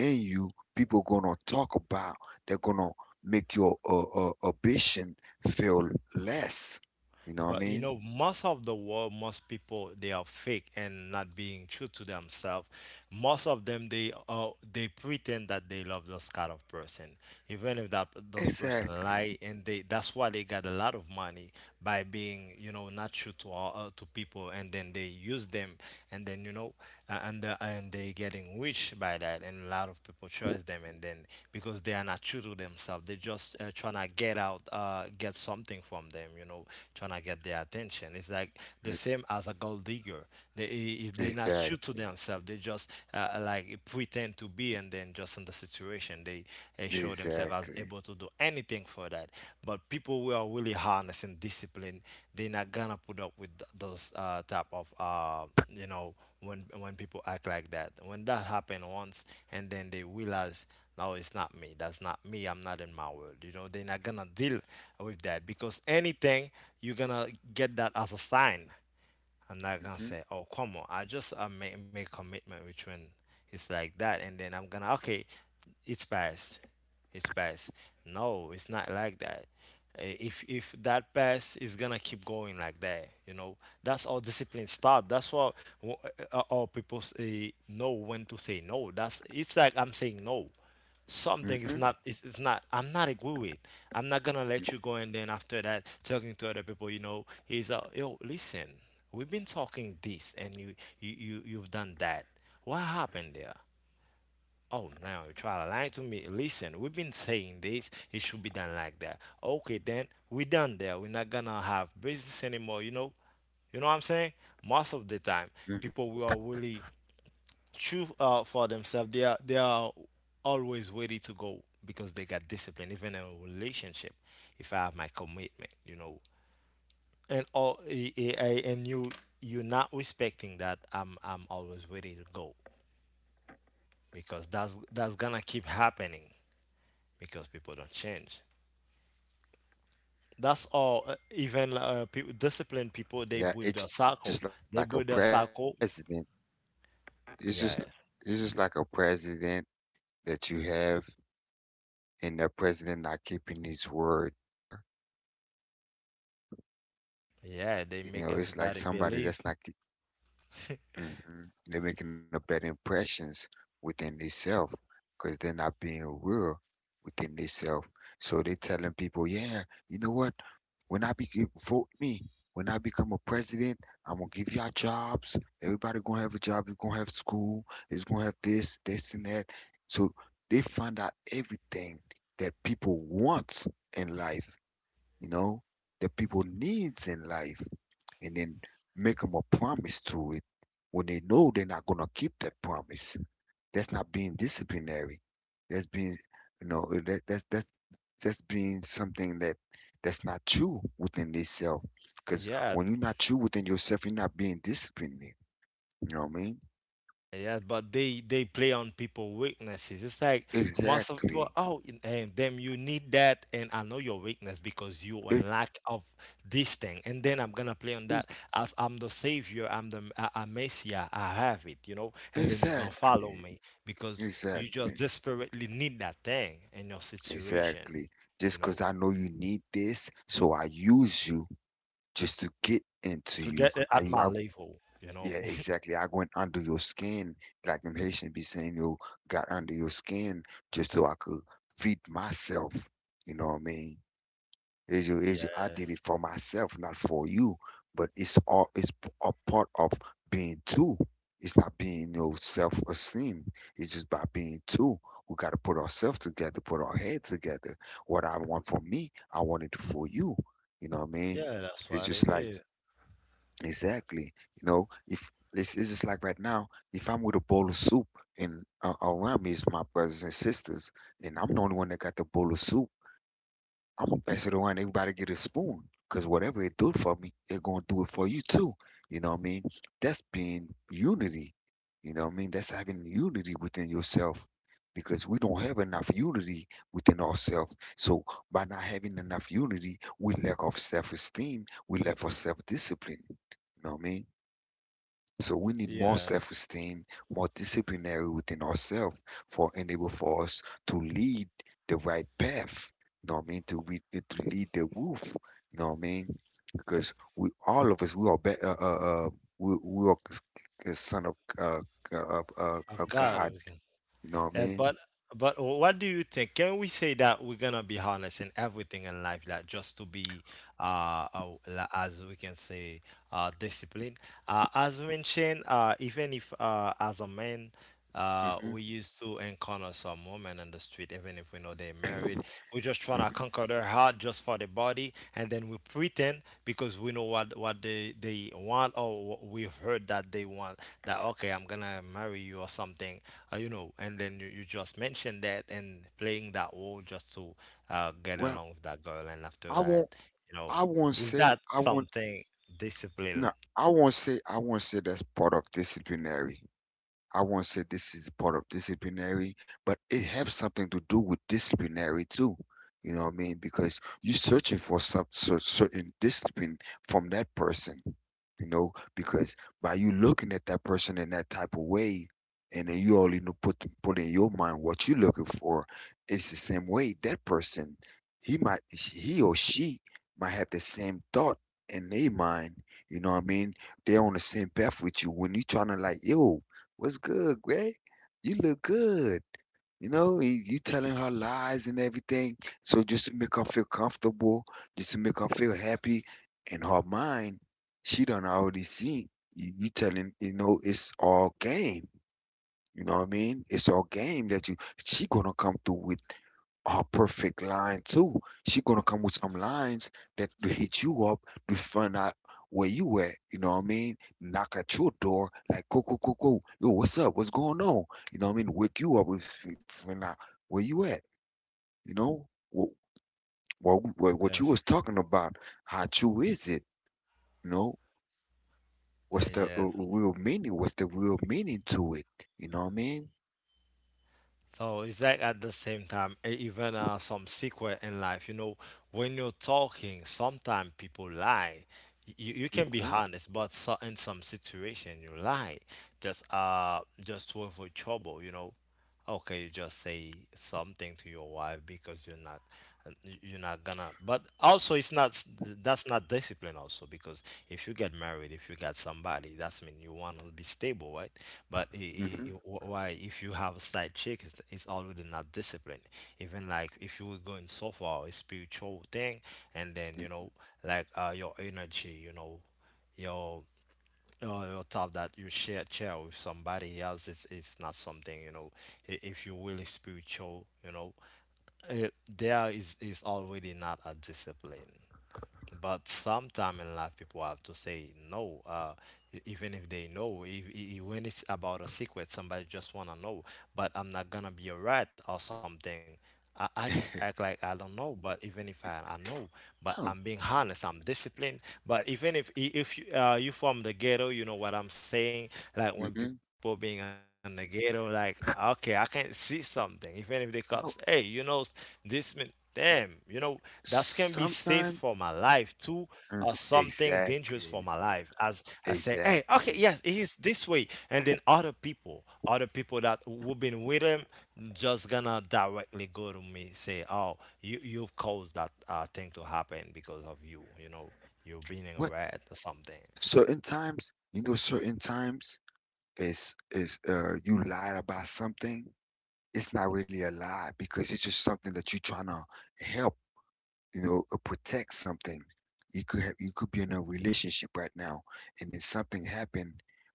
S2: in you. People gonna talk about. They're gonna make your ambition feel less. You know what I
S1: But you know,
S2: mean?
S1: most of the world, most people, they are fake and not being true to themselves. Most of them, they are, they pretend that they love those kind of person, even if that those person
S2: Exactly.
S1: lie, and they, that's why they got a lot of money, by being, you know, not true to all, to people, and then they use them, and then, you know, and they getting rich by that. And a lot of people trust them, and then because they are not true to themselves, they just trying to get out get something from them, you know, trying to get their attention. It's like the same as a gold digger. They, if they not true to
S2: Exactly.
S1: themselves, they just like pretend to be, and then just in the situation, they show themselves as
S2: Exactly.
S1: able to do anything for that. But people who are really harnessing discipline, they're not gonna put up with those type of you know, when people act like that. When that happened once, and then they realize. No, it's not me. That's not me. I'm not in my world. You know, they're not gonna deal with that because anything you're gonna get that as a sign. I'm not gonna
S2: hmm
S1: say, "Oh, come on, I just make commitment with when it's like that, and then I'm gonna, okay, it's past, it's past. No, it's not like that. If that past is gonna keep going like that, you know, that's how discipline start. That's what all people say, know when to say no. That's it's like I'm saying no, something is
S2: hmm
S1: not it's not, I'm not agree with, I'm not gonna let you go, and then after that talking to other people, you know, he's yo, listen, we've been talking this, and you've done that. What happened there? Oh, now you try to lie to me. Listen, we've been saying this, it should be done like that. Okay, then we done there, we're not gonna have business anymore, you know. You know what I'm saying? Most of the time,
S2: hmm.
S1: people we are really true for themselves. They are always ready to go because they got discipline. Even in a relationship, if I have my commitment, you know, and all and you're not respecting that, I'm always ready to go because that's gonna keep happening, because people don't change. That's all. Even people,
S2: Yeah, it's just
S1: disciplined
S2: like a
S1: people, they build
S2: president.
S1: a circle.
S2: It's just
S1: They build a
S2: it's just like
S1: circle.
S2: a president that you
S1: Yes.
S2: have and the president not keeping his word. You know what I mean? And a senator,
S1: Yeah, they
S2: you
S1: make
S2: know, it's like
S1: everybody
S2: somebody that's
S1: believe.
S2: not, keep, hmm, they're making a bad impressions within themselves because they're not being real within themselves. So they're telling people, yeah, you know what? When I be eh, Vote me. When I become a president, I'm gonna give y'all jobs. Everybody gonna have a job. You gonna have school. It's gonna have this, this, and that. So they find out everything that people want in life, you know, that people needs in life, and then make them a promise to it when they know they're not gonna keep that promise. That's not being disciplinary. That's being, you know, that's being something that that's not true within itself. Because
S1: Yeah,
S2: when you're not true within yourself, you're not being disciplined. You know what I mean?
S1: yeah, but they play on people' weaknesses. It's like most of people,
S2: Exactly.
S1: oh, and then you need that, and I know your weakness because you are in
S2: Ex-
S1: lack of this thing, and then I'm gonna play on
S2: ex-
S1: that as I'm the savior, I'm Messiah, I have it, you know, and then you're gonna follow
S2: Exactly.
S1: me because you just
S2: Exactly.
S1: desperately need that thing in your situation,
S2: Exactly. Just
S1: you know,
S2: because I know you need this, so I use you just to get into
S1: to
S2: you.
S1: get it at my
S2: I
S1: level, you know.
S2: Yeah, exactly. I went under your skin, like them Haitian be saying, you got under your skin just so I could feed myself. You know what I mean?
S1: Yeah,
S2: I did it for myself, not for you. But it's all a part of being two. It's not being no self-esteem. It's just by being two. We got to put ourselves together, put our head together. What I want for me, I want it for you. You know what I mean?
S1: yeah, that's
S2: It's
S1: what
S2: just
S1: it
S2: like
S1: is.
S2: Exactly. You know, if it's, it's just like right now, if I'm with a bowl of soup and around me is my brothers and sisters, and I'm the only one that got the bowl of soup, I'm gonna pass it around. Everybody get a spoon, cause whatever it do for me, they're gonna do it for you too. You know what I mean? That's being unity. You know what I mean? That's having unity within yourself, because we don't have enough unity within ourselves. So by not having enough unity, we lack of self-esteem, we lack of self-discipline. You know what I mean? So we need more
S1: Yeah,
S2: self-esteem, more disciplinary within ourselves for enable for us to lead the right path. You know what I mean? To, to lead the wolf. You know what I mean? Because we all of us we are we are son of
S1: I've
S2: of
S1: got it.
S2: God. You know what I
S1: Uh,
S2: mean?
S1: but but what do you think? Can we say that we're gonna be honest in everything in life, like just to be as we can say disciplined? As mentioned, even if as a man. Uh,
S2: Hmm.
S1: we used to encounter some women on the street, even if we know they're married. We're just
S2: Mhm.
S1: trying to conquer their heart just for the body, and then we pretend because we know what they want, or what we've heard that they want. That okay, I'm gonna marry you or something, you know, and then you just mentioned that and playing that role just to get
S2: Well,
S1: along with that girl. And after
S2: I
S1: that,
S2: won't.
S1: you know,
S2: I won't
S1: is
S2: say.
S1: that
S2: I won't.
S1: something discipline?
S2: No, I won't say. I won't say that's part of disciplinary. I won't say this is part of disciplinary, but it has something to do with disciplinary too. You know what I mean? Because you're searching for some certain discipline from that person. You know, because by you looking at that person in that type of way, and then you only know put in your mind what you're looking for, it's the same way that person he or she might have the same thought in their mind. You know what I mean? They're on the same path with you when you're trying to like yo. What's good, Greg? You look good. You know, you telling her lies and everything. So just to make her feel comfortable, just to make her feel happy in her mind, she done already seen you telling, you know, it's all game. You know what I mean? It's all game that you she gonna come through with her perfect line too. She gonna come with some lines that to hit you up to find out where you at. You know what I mean? Knock at your door like, go, go, go, go. Yo, what's up? What's going on? You know what I mean? Wake you up and find out where you at. You know what you
S1: Yes.
S2: was talking about? How true is it? You know what's the
S1: Yeah,
S2: real meaning? What's the real meaning to it? You know what I mean?
S1: so it's like at the same time, even some secret in life. You know, when you're talking, sometimes people lie. You can be
S2: Mhm.
S1: honest, but so, in some situation you lie, just to avoid trouble. You know, okay, you just say something to your wife because you're not gonna. But also, it's not that's not discipline also, because if you get married, if you got somebody that's mean, you want to be stable, right? But
S2: Mhm.
S1: why if you have a side chick, it's already not disciplined. Even like if you were going so far a spiritual thing, and then you know, like your energy, you know, your your thought that you share with somebody else, it's not something, you know. If you're really spiritual, you know, uh, there is already not a discipline. But sometime in life, people have to say no, even if they know. If, I- When it's about a secret, somebody just wanna know, but I'm not gonna be a rat or something. I just act like I don't know. But even if I know, but
S2: Oh.
S1: I'm being honest, I'm disciplined. But even if if you you from the ghetto, you know what I'm saying.
S2: No.
S1: Like
S2: Mhm.
S1: when people being in the ghetto, like okay, I can't see something. Even if the
S2: No.
S1: cops, hey, you know, this man. Damn, you know, that can be
S2: Sometimes,
S1: safe for my life too,
S2: mhm,
S1: or something
S2: exactly,
S1: dangerous for my life. As I say, hey,
S2: exactly.
S1: okay, yes, it is this way. And then other people that who've been with him, just gonna directly go to me, say, oh, you've caused that thing to happen because of you, you are
S2: What
S1: being a rat or something.
S2: Certain times, you know, certain times is you lied about something. It's not really a lie because it's just something that you're trying to help. You know, or protect something. You could be in a relationship right now, and then something happened.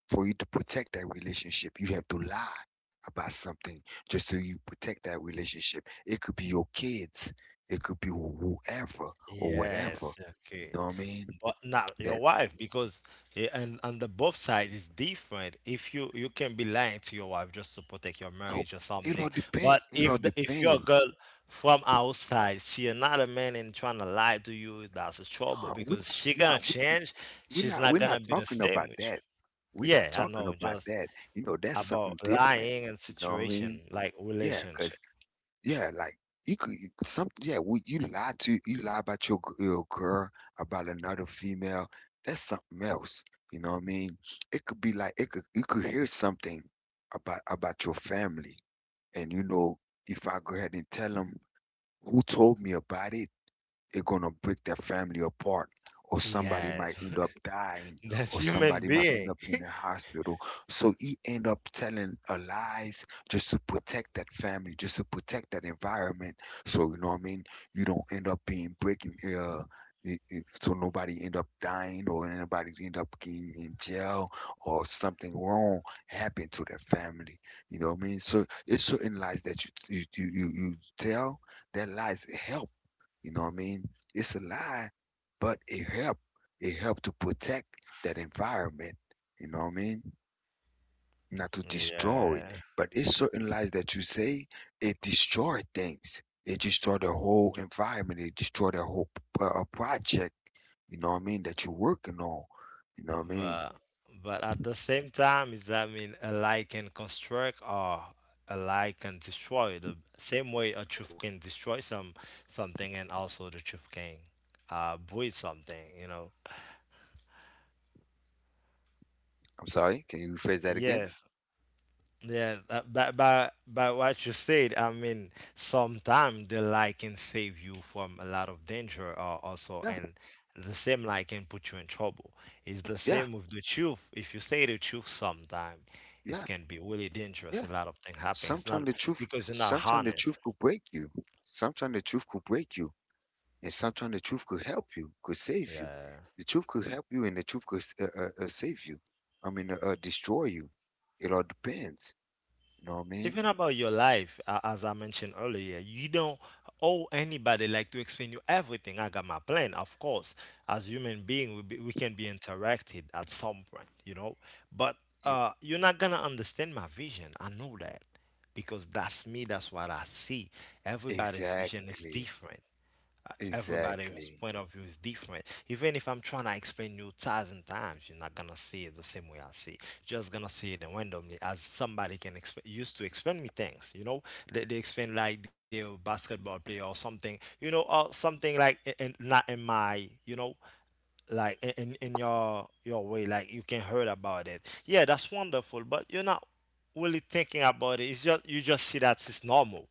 S2: For you to protect that relationship, you have to lie about something, just so you protect that relationship. It could be your kids, it could be whoever or whatever.
S1: Yes,
S2: You
S1: okay.
S2: know what I mean?
S1: But not
S2: That
S1: your wife, because and on the both sides is different. If you can be lying to your wife just to protect your
S2: no,
S1: marriage or
S2: it all
S1: something.
S2: depend
S1: But
S2: it all
S1: if the if your
S2: depends.
S1: girl from outside see another man and trying to lie to you, that's a trouble
S2: No, we're
S1: because she
S2: not,
S1: gonna
S2: no, we're
S1: change.
S2: we're
S1: She's
S2: not
S1: not gonna be the
S2: talking
S1: same
S2: about
S1: with
S2: that. We're
S1: you.
S2: not
S1: Yeah, I
S2: talking
S1: know.
S2: about
S1: Just
S2: that. You know, that's
S1: about
S2: something different.
S1: lying and
S2: You know what I mean?
S1: situation like
S2: Yeah,
S1: relationship.
S2: 'cause, yeah, like, you could you- some yeah, we, you lie to you lie about your, your girl, about another female. That's something else. You know what I mean? It could be like, it could you could hear something about your family, and you know, if I go ahead and tell them who told me about it, it's going to break their family apart, or somebody might
S1: Yes,
S2: end up dying,
S1: that's
S2: or
S1: human
S2: somebody might end
S1: being.
S2: up in the hospital. So he end up telling a lies just to protect that family, just to protect that environment. So you know what I mean? You don't end up being breaking so nobody end up dying, or anybody end up getting in jail, or something wrong happened to their family. You know what I mean? So it's certain lies that you tell that lies help. You know what I mean? It's a lie, but it helped. It helped to protect that environment. You know what I mean? Not to destroy it,
S1: Yeah.
S2: but it's certain lies that you say it destroy things. It destroy the whole environment. It destroy the whole project. You know what I mean? That you're working on. You know what I mean?
S1: But but at the same time, is, I mean a lie can construct, or a lie can destroy the same way a truth can destroy something, and also the truth can breed something, you know.
S2: I'm sorry. Can you rephrase that again?
S1: Yeah, yes, but by what you said, I mean sometimes the lie can save you from a lot of danger, or also,
S2: Yeah.
S1: and the same lie can put you in trouble. It's the
S2: Yeah,
S1: same with the truth. If you say the truth sometime, it
S2: yeah,
S1: can be really dangerous.
S2: yeah.
S1: A lot of things happen. It's not because you're not
S2: Sometimes the
S1: honest.
S2: truth could break you. Sometimes the truth could break you, and sometimes the truth could help you, could save you.
S1: Yeah.
S2: The truth could help you, and the truth could save you. I mean, destroy you. It all depends. You know what I mean?
S1: Even about your life, as I mentioned earlier, you don't owe anybody, like to explain you everything. I got my plan, of course. As human being, we can be interacted at some point, you know, but
S2: It-
S1: you're not gonna understand my vision, I know that, because that's me, that's what I see. Everybody's vision is
S2: exactly,
S1: different. Everybody's
S2: exactly.
S1: point of view is different. Even if I'm trying to explain you 1,000 times, you're not gonna see it the same way I see it. Just gonna see it randomly, as somebody can used to explain me things. You know, they explain like they're a basketball player or something. You know, or something like not in my, you know, like in your way, like you can heard about it, yeah, that's wonderful, but you're not really thinking about it. It's just you just see that it's normal.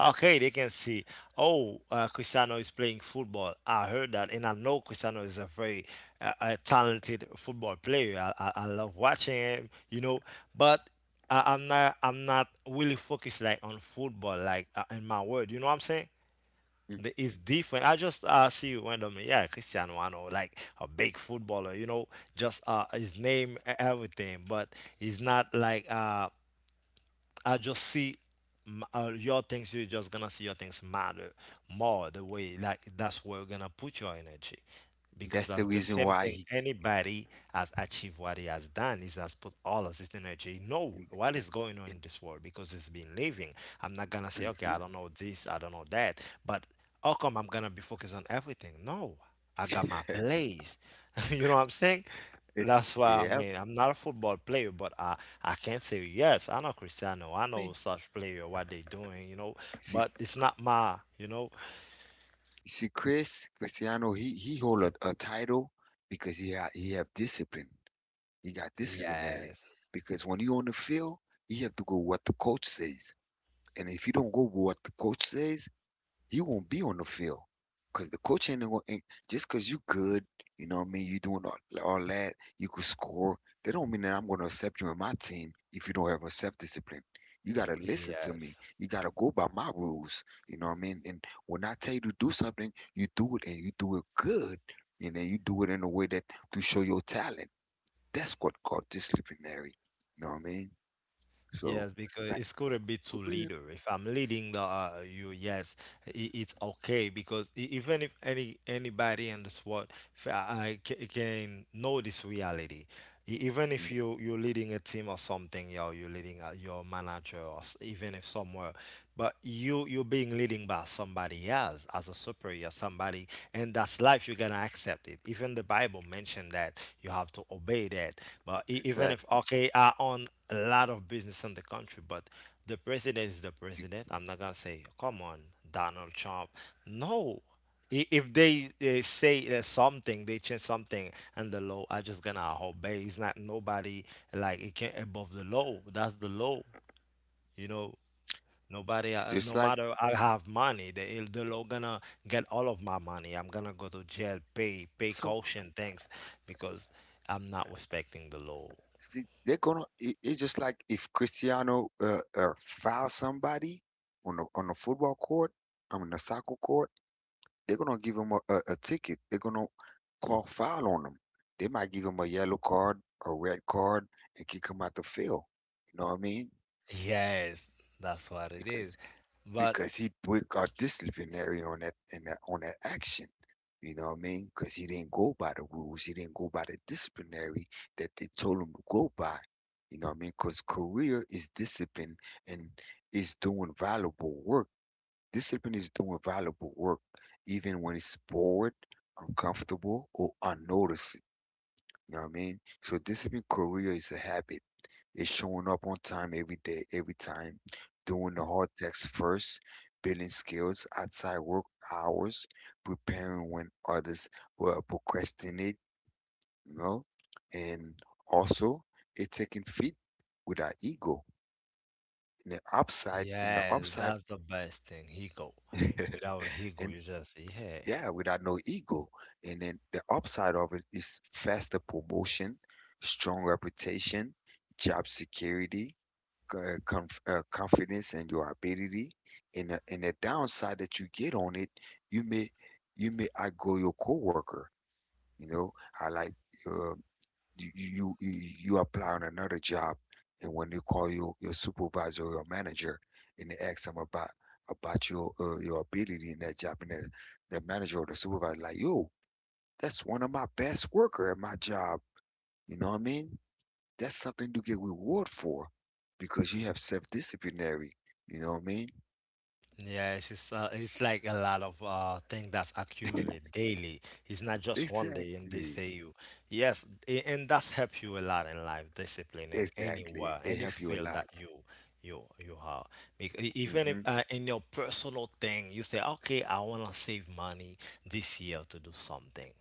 S1: Okay, they can see, oh, Cristiano is playing football, I heard that, and I know Cristiano is a very talented football player. I love watching him, you know, but I'm not really focused like on football, like in my word, you know what I'm saying.
S2: Mm.
S1: The, it's different. I just see randomly, yeah, Cristiano Ronaldo, like a big footballer, you know, just his name, everything, but he's not like I just see your things. You're just gonna see your things matter more the way, like that's where you're gonna put your energy,
S2: That's
S1: because
S2: the
S1: that's the
S2: reason
S1: same
S2: why
S1: thing.
S2: he. Ca-
S1: Anybody has achieved what he has done is has put all of his energy. Know
S2: mm.
S1: what is going on in this world because it's been living. I'm not gonna say okay, I
S2: Mm.
S1: don't know this, I don't know that, but how come I'm gonna be focused on everything? No, I got my
S2: Mhm.
S1: place. You know what I'm saying? That's why I
S2: Yep. I
S1: mean I'm not a football player, but I can't say yes, I know Cristiano, I know
S2: mean,
S1: such player what they doing, you know.
S2: see,
S1: But it's not my, you know.
S2: you see, Chris Cristiano, he hold a title because he ha he have discipline. He got disciplinary
S1: Yes,
S2: because when you on the field, you have to go what the coach says, and if you don't go with what the coach says, you won't be on the field, because the coach ain't going to just because you good. You know what I mean? You doing all that. You could score. That don't mean that I'm going to accept you in my team if you don't have a self discipline. You got to listen to me.
S1: yes,
S2: You got to go by my rules. You know what I mean? And when I tell you to do something, you do it, and you do it good. And then you do it in a way that to show your talent. That's what called disciplinary. You know what I mean? So,
S1: yes. Because
S2: like,
S1: it's gonna be to
S2: for real.
S1: leader. If I'm leading the you, yes, I it's okay. Because even if any anybody in this world I can know this reality, even
S2: Mm.
S1: if you're leading a team or something, yo, you're leading your manager, or even if somewhere. But you're being leading by somebody else as a superior, somebody, and that's life. You're gonna accept it. Even the Bible mentioned that you have to obey that. But even
S2: Exactly.
S1: if okay, I own a lot of business in the country, but the president is the president. I'm not gonna say, come on, Donald Trump. No, if they say something, they change something, and the law, I just gonna obey. It's not nobody like, it can't above the law. That's the law, you know. Nobody,
S2: It's just
S1: no
S2: like,
S1: matter I have money, they're not gonna get all of my money. I'm gonna go to jail, pay
S2: so,
S1: caution, thanks, because I'm not respecting the law.
S2: see, they're gonna. It, it's just like if Cristiano fouls somebody on the football court, I mean the soccer court. They're gonna give him a ticket. They're gonna call foul on him. They might give him a yellow card, a red card, and kick him out the field. You know what I mean?
S1: Yes, that's what it is.
S2: Because
S1: But
S2: he put a disciplinary on that in that on that action. You know what I mean? Because he didn't go by the rules. He didn't go by the disciplinary that they told him to go by. You know what I mean? Because career is discipline and is doing valuable work. Discipline is doing valuable work, even when it's bored, uncomfortable, or unnoticed. You know what I mean? So discipline career is a habit, is showing up on time every day, every time, doing the hard tasks first, building skills outside work hours, preparing when others will procrastinate, you know, and also it's taking feed with our ego. In the upside, and the
S1: yes,
S2: upside,
S1: that's the best thing. He go without, he go,
S2: and
S1: you just yeah.
S2: yeah, without no ego. And then the upside of it is faster promotion, strong reputation, job security, confidence and your ability, and the downside that you get on it, you may, you may outgrow your coworker. You know, I like, uh, you, you apply on another job, and when they call you, your supervisor or your manager, and they ask them about your ability in that job, and the manager or the supervisor like, yo, that's one of my best worker at my job. You know what I mean? That's something you get reward for because you have self-disciplinary. You know what I mean?
S1: Yes, it's like a lot of thing that's accumulate daily. It's not just one day and they
S2: Exactly.
S1: say you. Yes, and that's help you a lot in life, discipline in
S2: Exactly.
S1: anywhere,
S2: It
S1: any
S2: helps you a
S1: field
S2: lot.
S1: that you have. Because even if
S2: Hmm.
S1: in your personal thing, you say, okay, I wanna save money this year to do something.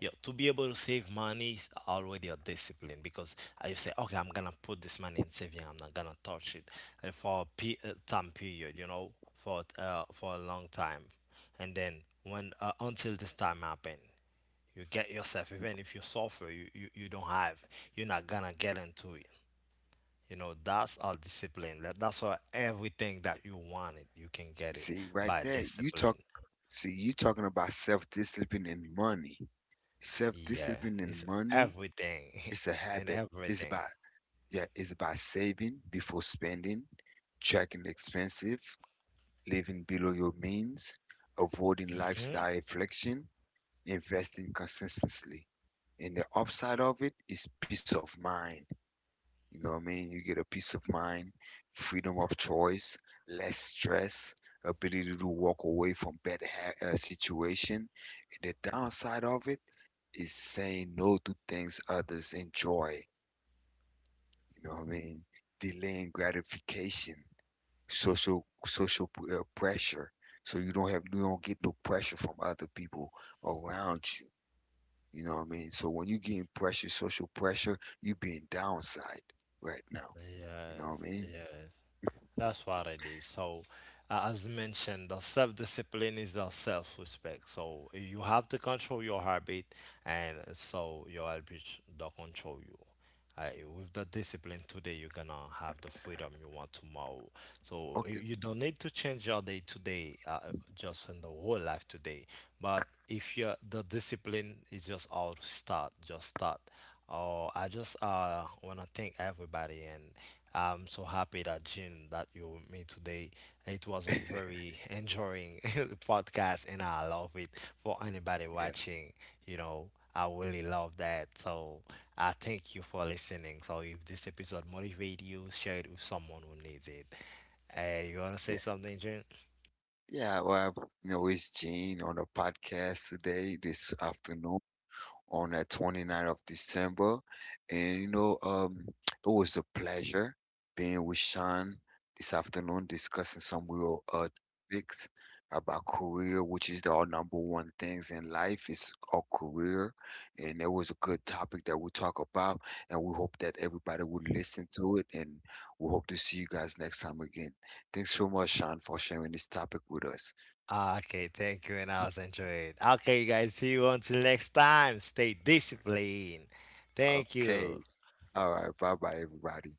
S1: Yeah, to be able to save money is already a discipline, because you say, okay, I'm gonna put this money in saving. I'm not gonna touch it for a time period, you know, for a long time, and then when until this time happen, you get yourself, even if you suffer, you, you don't have, you're not gonna get into it, you know. That's all discipline. That's why everything that you wanted you can get it
S2: See, right
S1: by
S2: there, you talk.
S1: discipline.
S2: See, you talking about self-discipline and money.
S1: Yeah,
S2: Self-discipline
S1: it's
S2: and money,
S1: everything
S2: it's a
S1: and
S2: habit. It's
S1: everything.
S2: about, yeah, it's about saving before spending, tracking expensive, living below your means, avoiding
S1: Hmm.
S2: lifestyle inflation, investing consistently. And the upside of it is peace of mind. You know what I mean? You get a peace of mind, freedom of choice, less stress, ability to walk away from bad situation. And the downside of it is saying no to things others enjoy. You know what I mean? Delaying gratification, social social pressure. So you don't have, you don't get no pressure from other people around you. You know what I mean? So when you getting pressure, social pressure, you being downside right now. You know what
S1: Yes,
S2: I mean?
S1: yes. That's what it is. So, as mentioned, the self-discipline is the self-respect. So you have to control your habit, and so your habit don't control you. Uh, with the discipline today, you're gonna have the freedom you want tomorrow. So you,
S2: Okay.
S1: you don't need to change your day today, just in the whole life today. But if you're the discipline is just how to start, just start. Oh, I just want to thank everybody, and I'm so happy that Jim that you were with me today. It was a very enjoying podcast, and I love it. For anybody
S2: Yeah,
S1: watching, you know, I really love that. So I thank you for listening. So if this episode motivated you, share it with someone who needs it. Hey, you wanna say
S2: yeah.
S1: something, Jim?
S2: Yeah, well, it's Gene on the podcast today, this afternoon, on the 29th of December. And it was a pleasure being with Sean this afternoon, discussing some real topics about career, which is our number one things in life is our career. And it was a good topic that we talk about, and we hope that everybody would listen to it. And we hope to see you guys next time again. Thanks so much, Sean, for sharing this topic with us.
S1: Okay, thank you, and I was enjoying it. Okay, guys, see you until next time. Stay disciplined. Thank you.
S2: Okay. All right. Bye bye, everybody.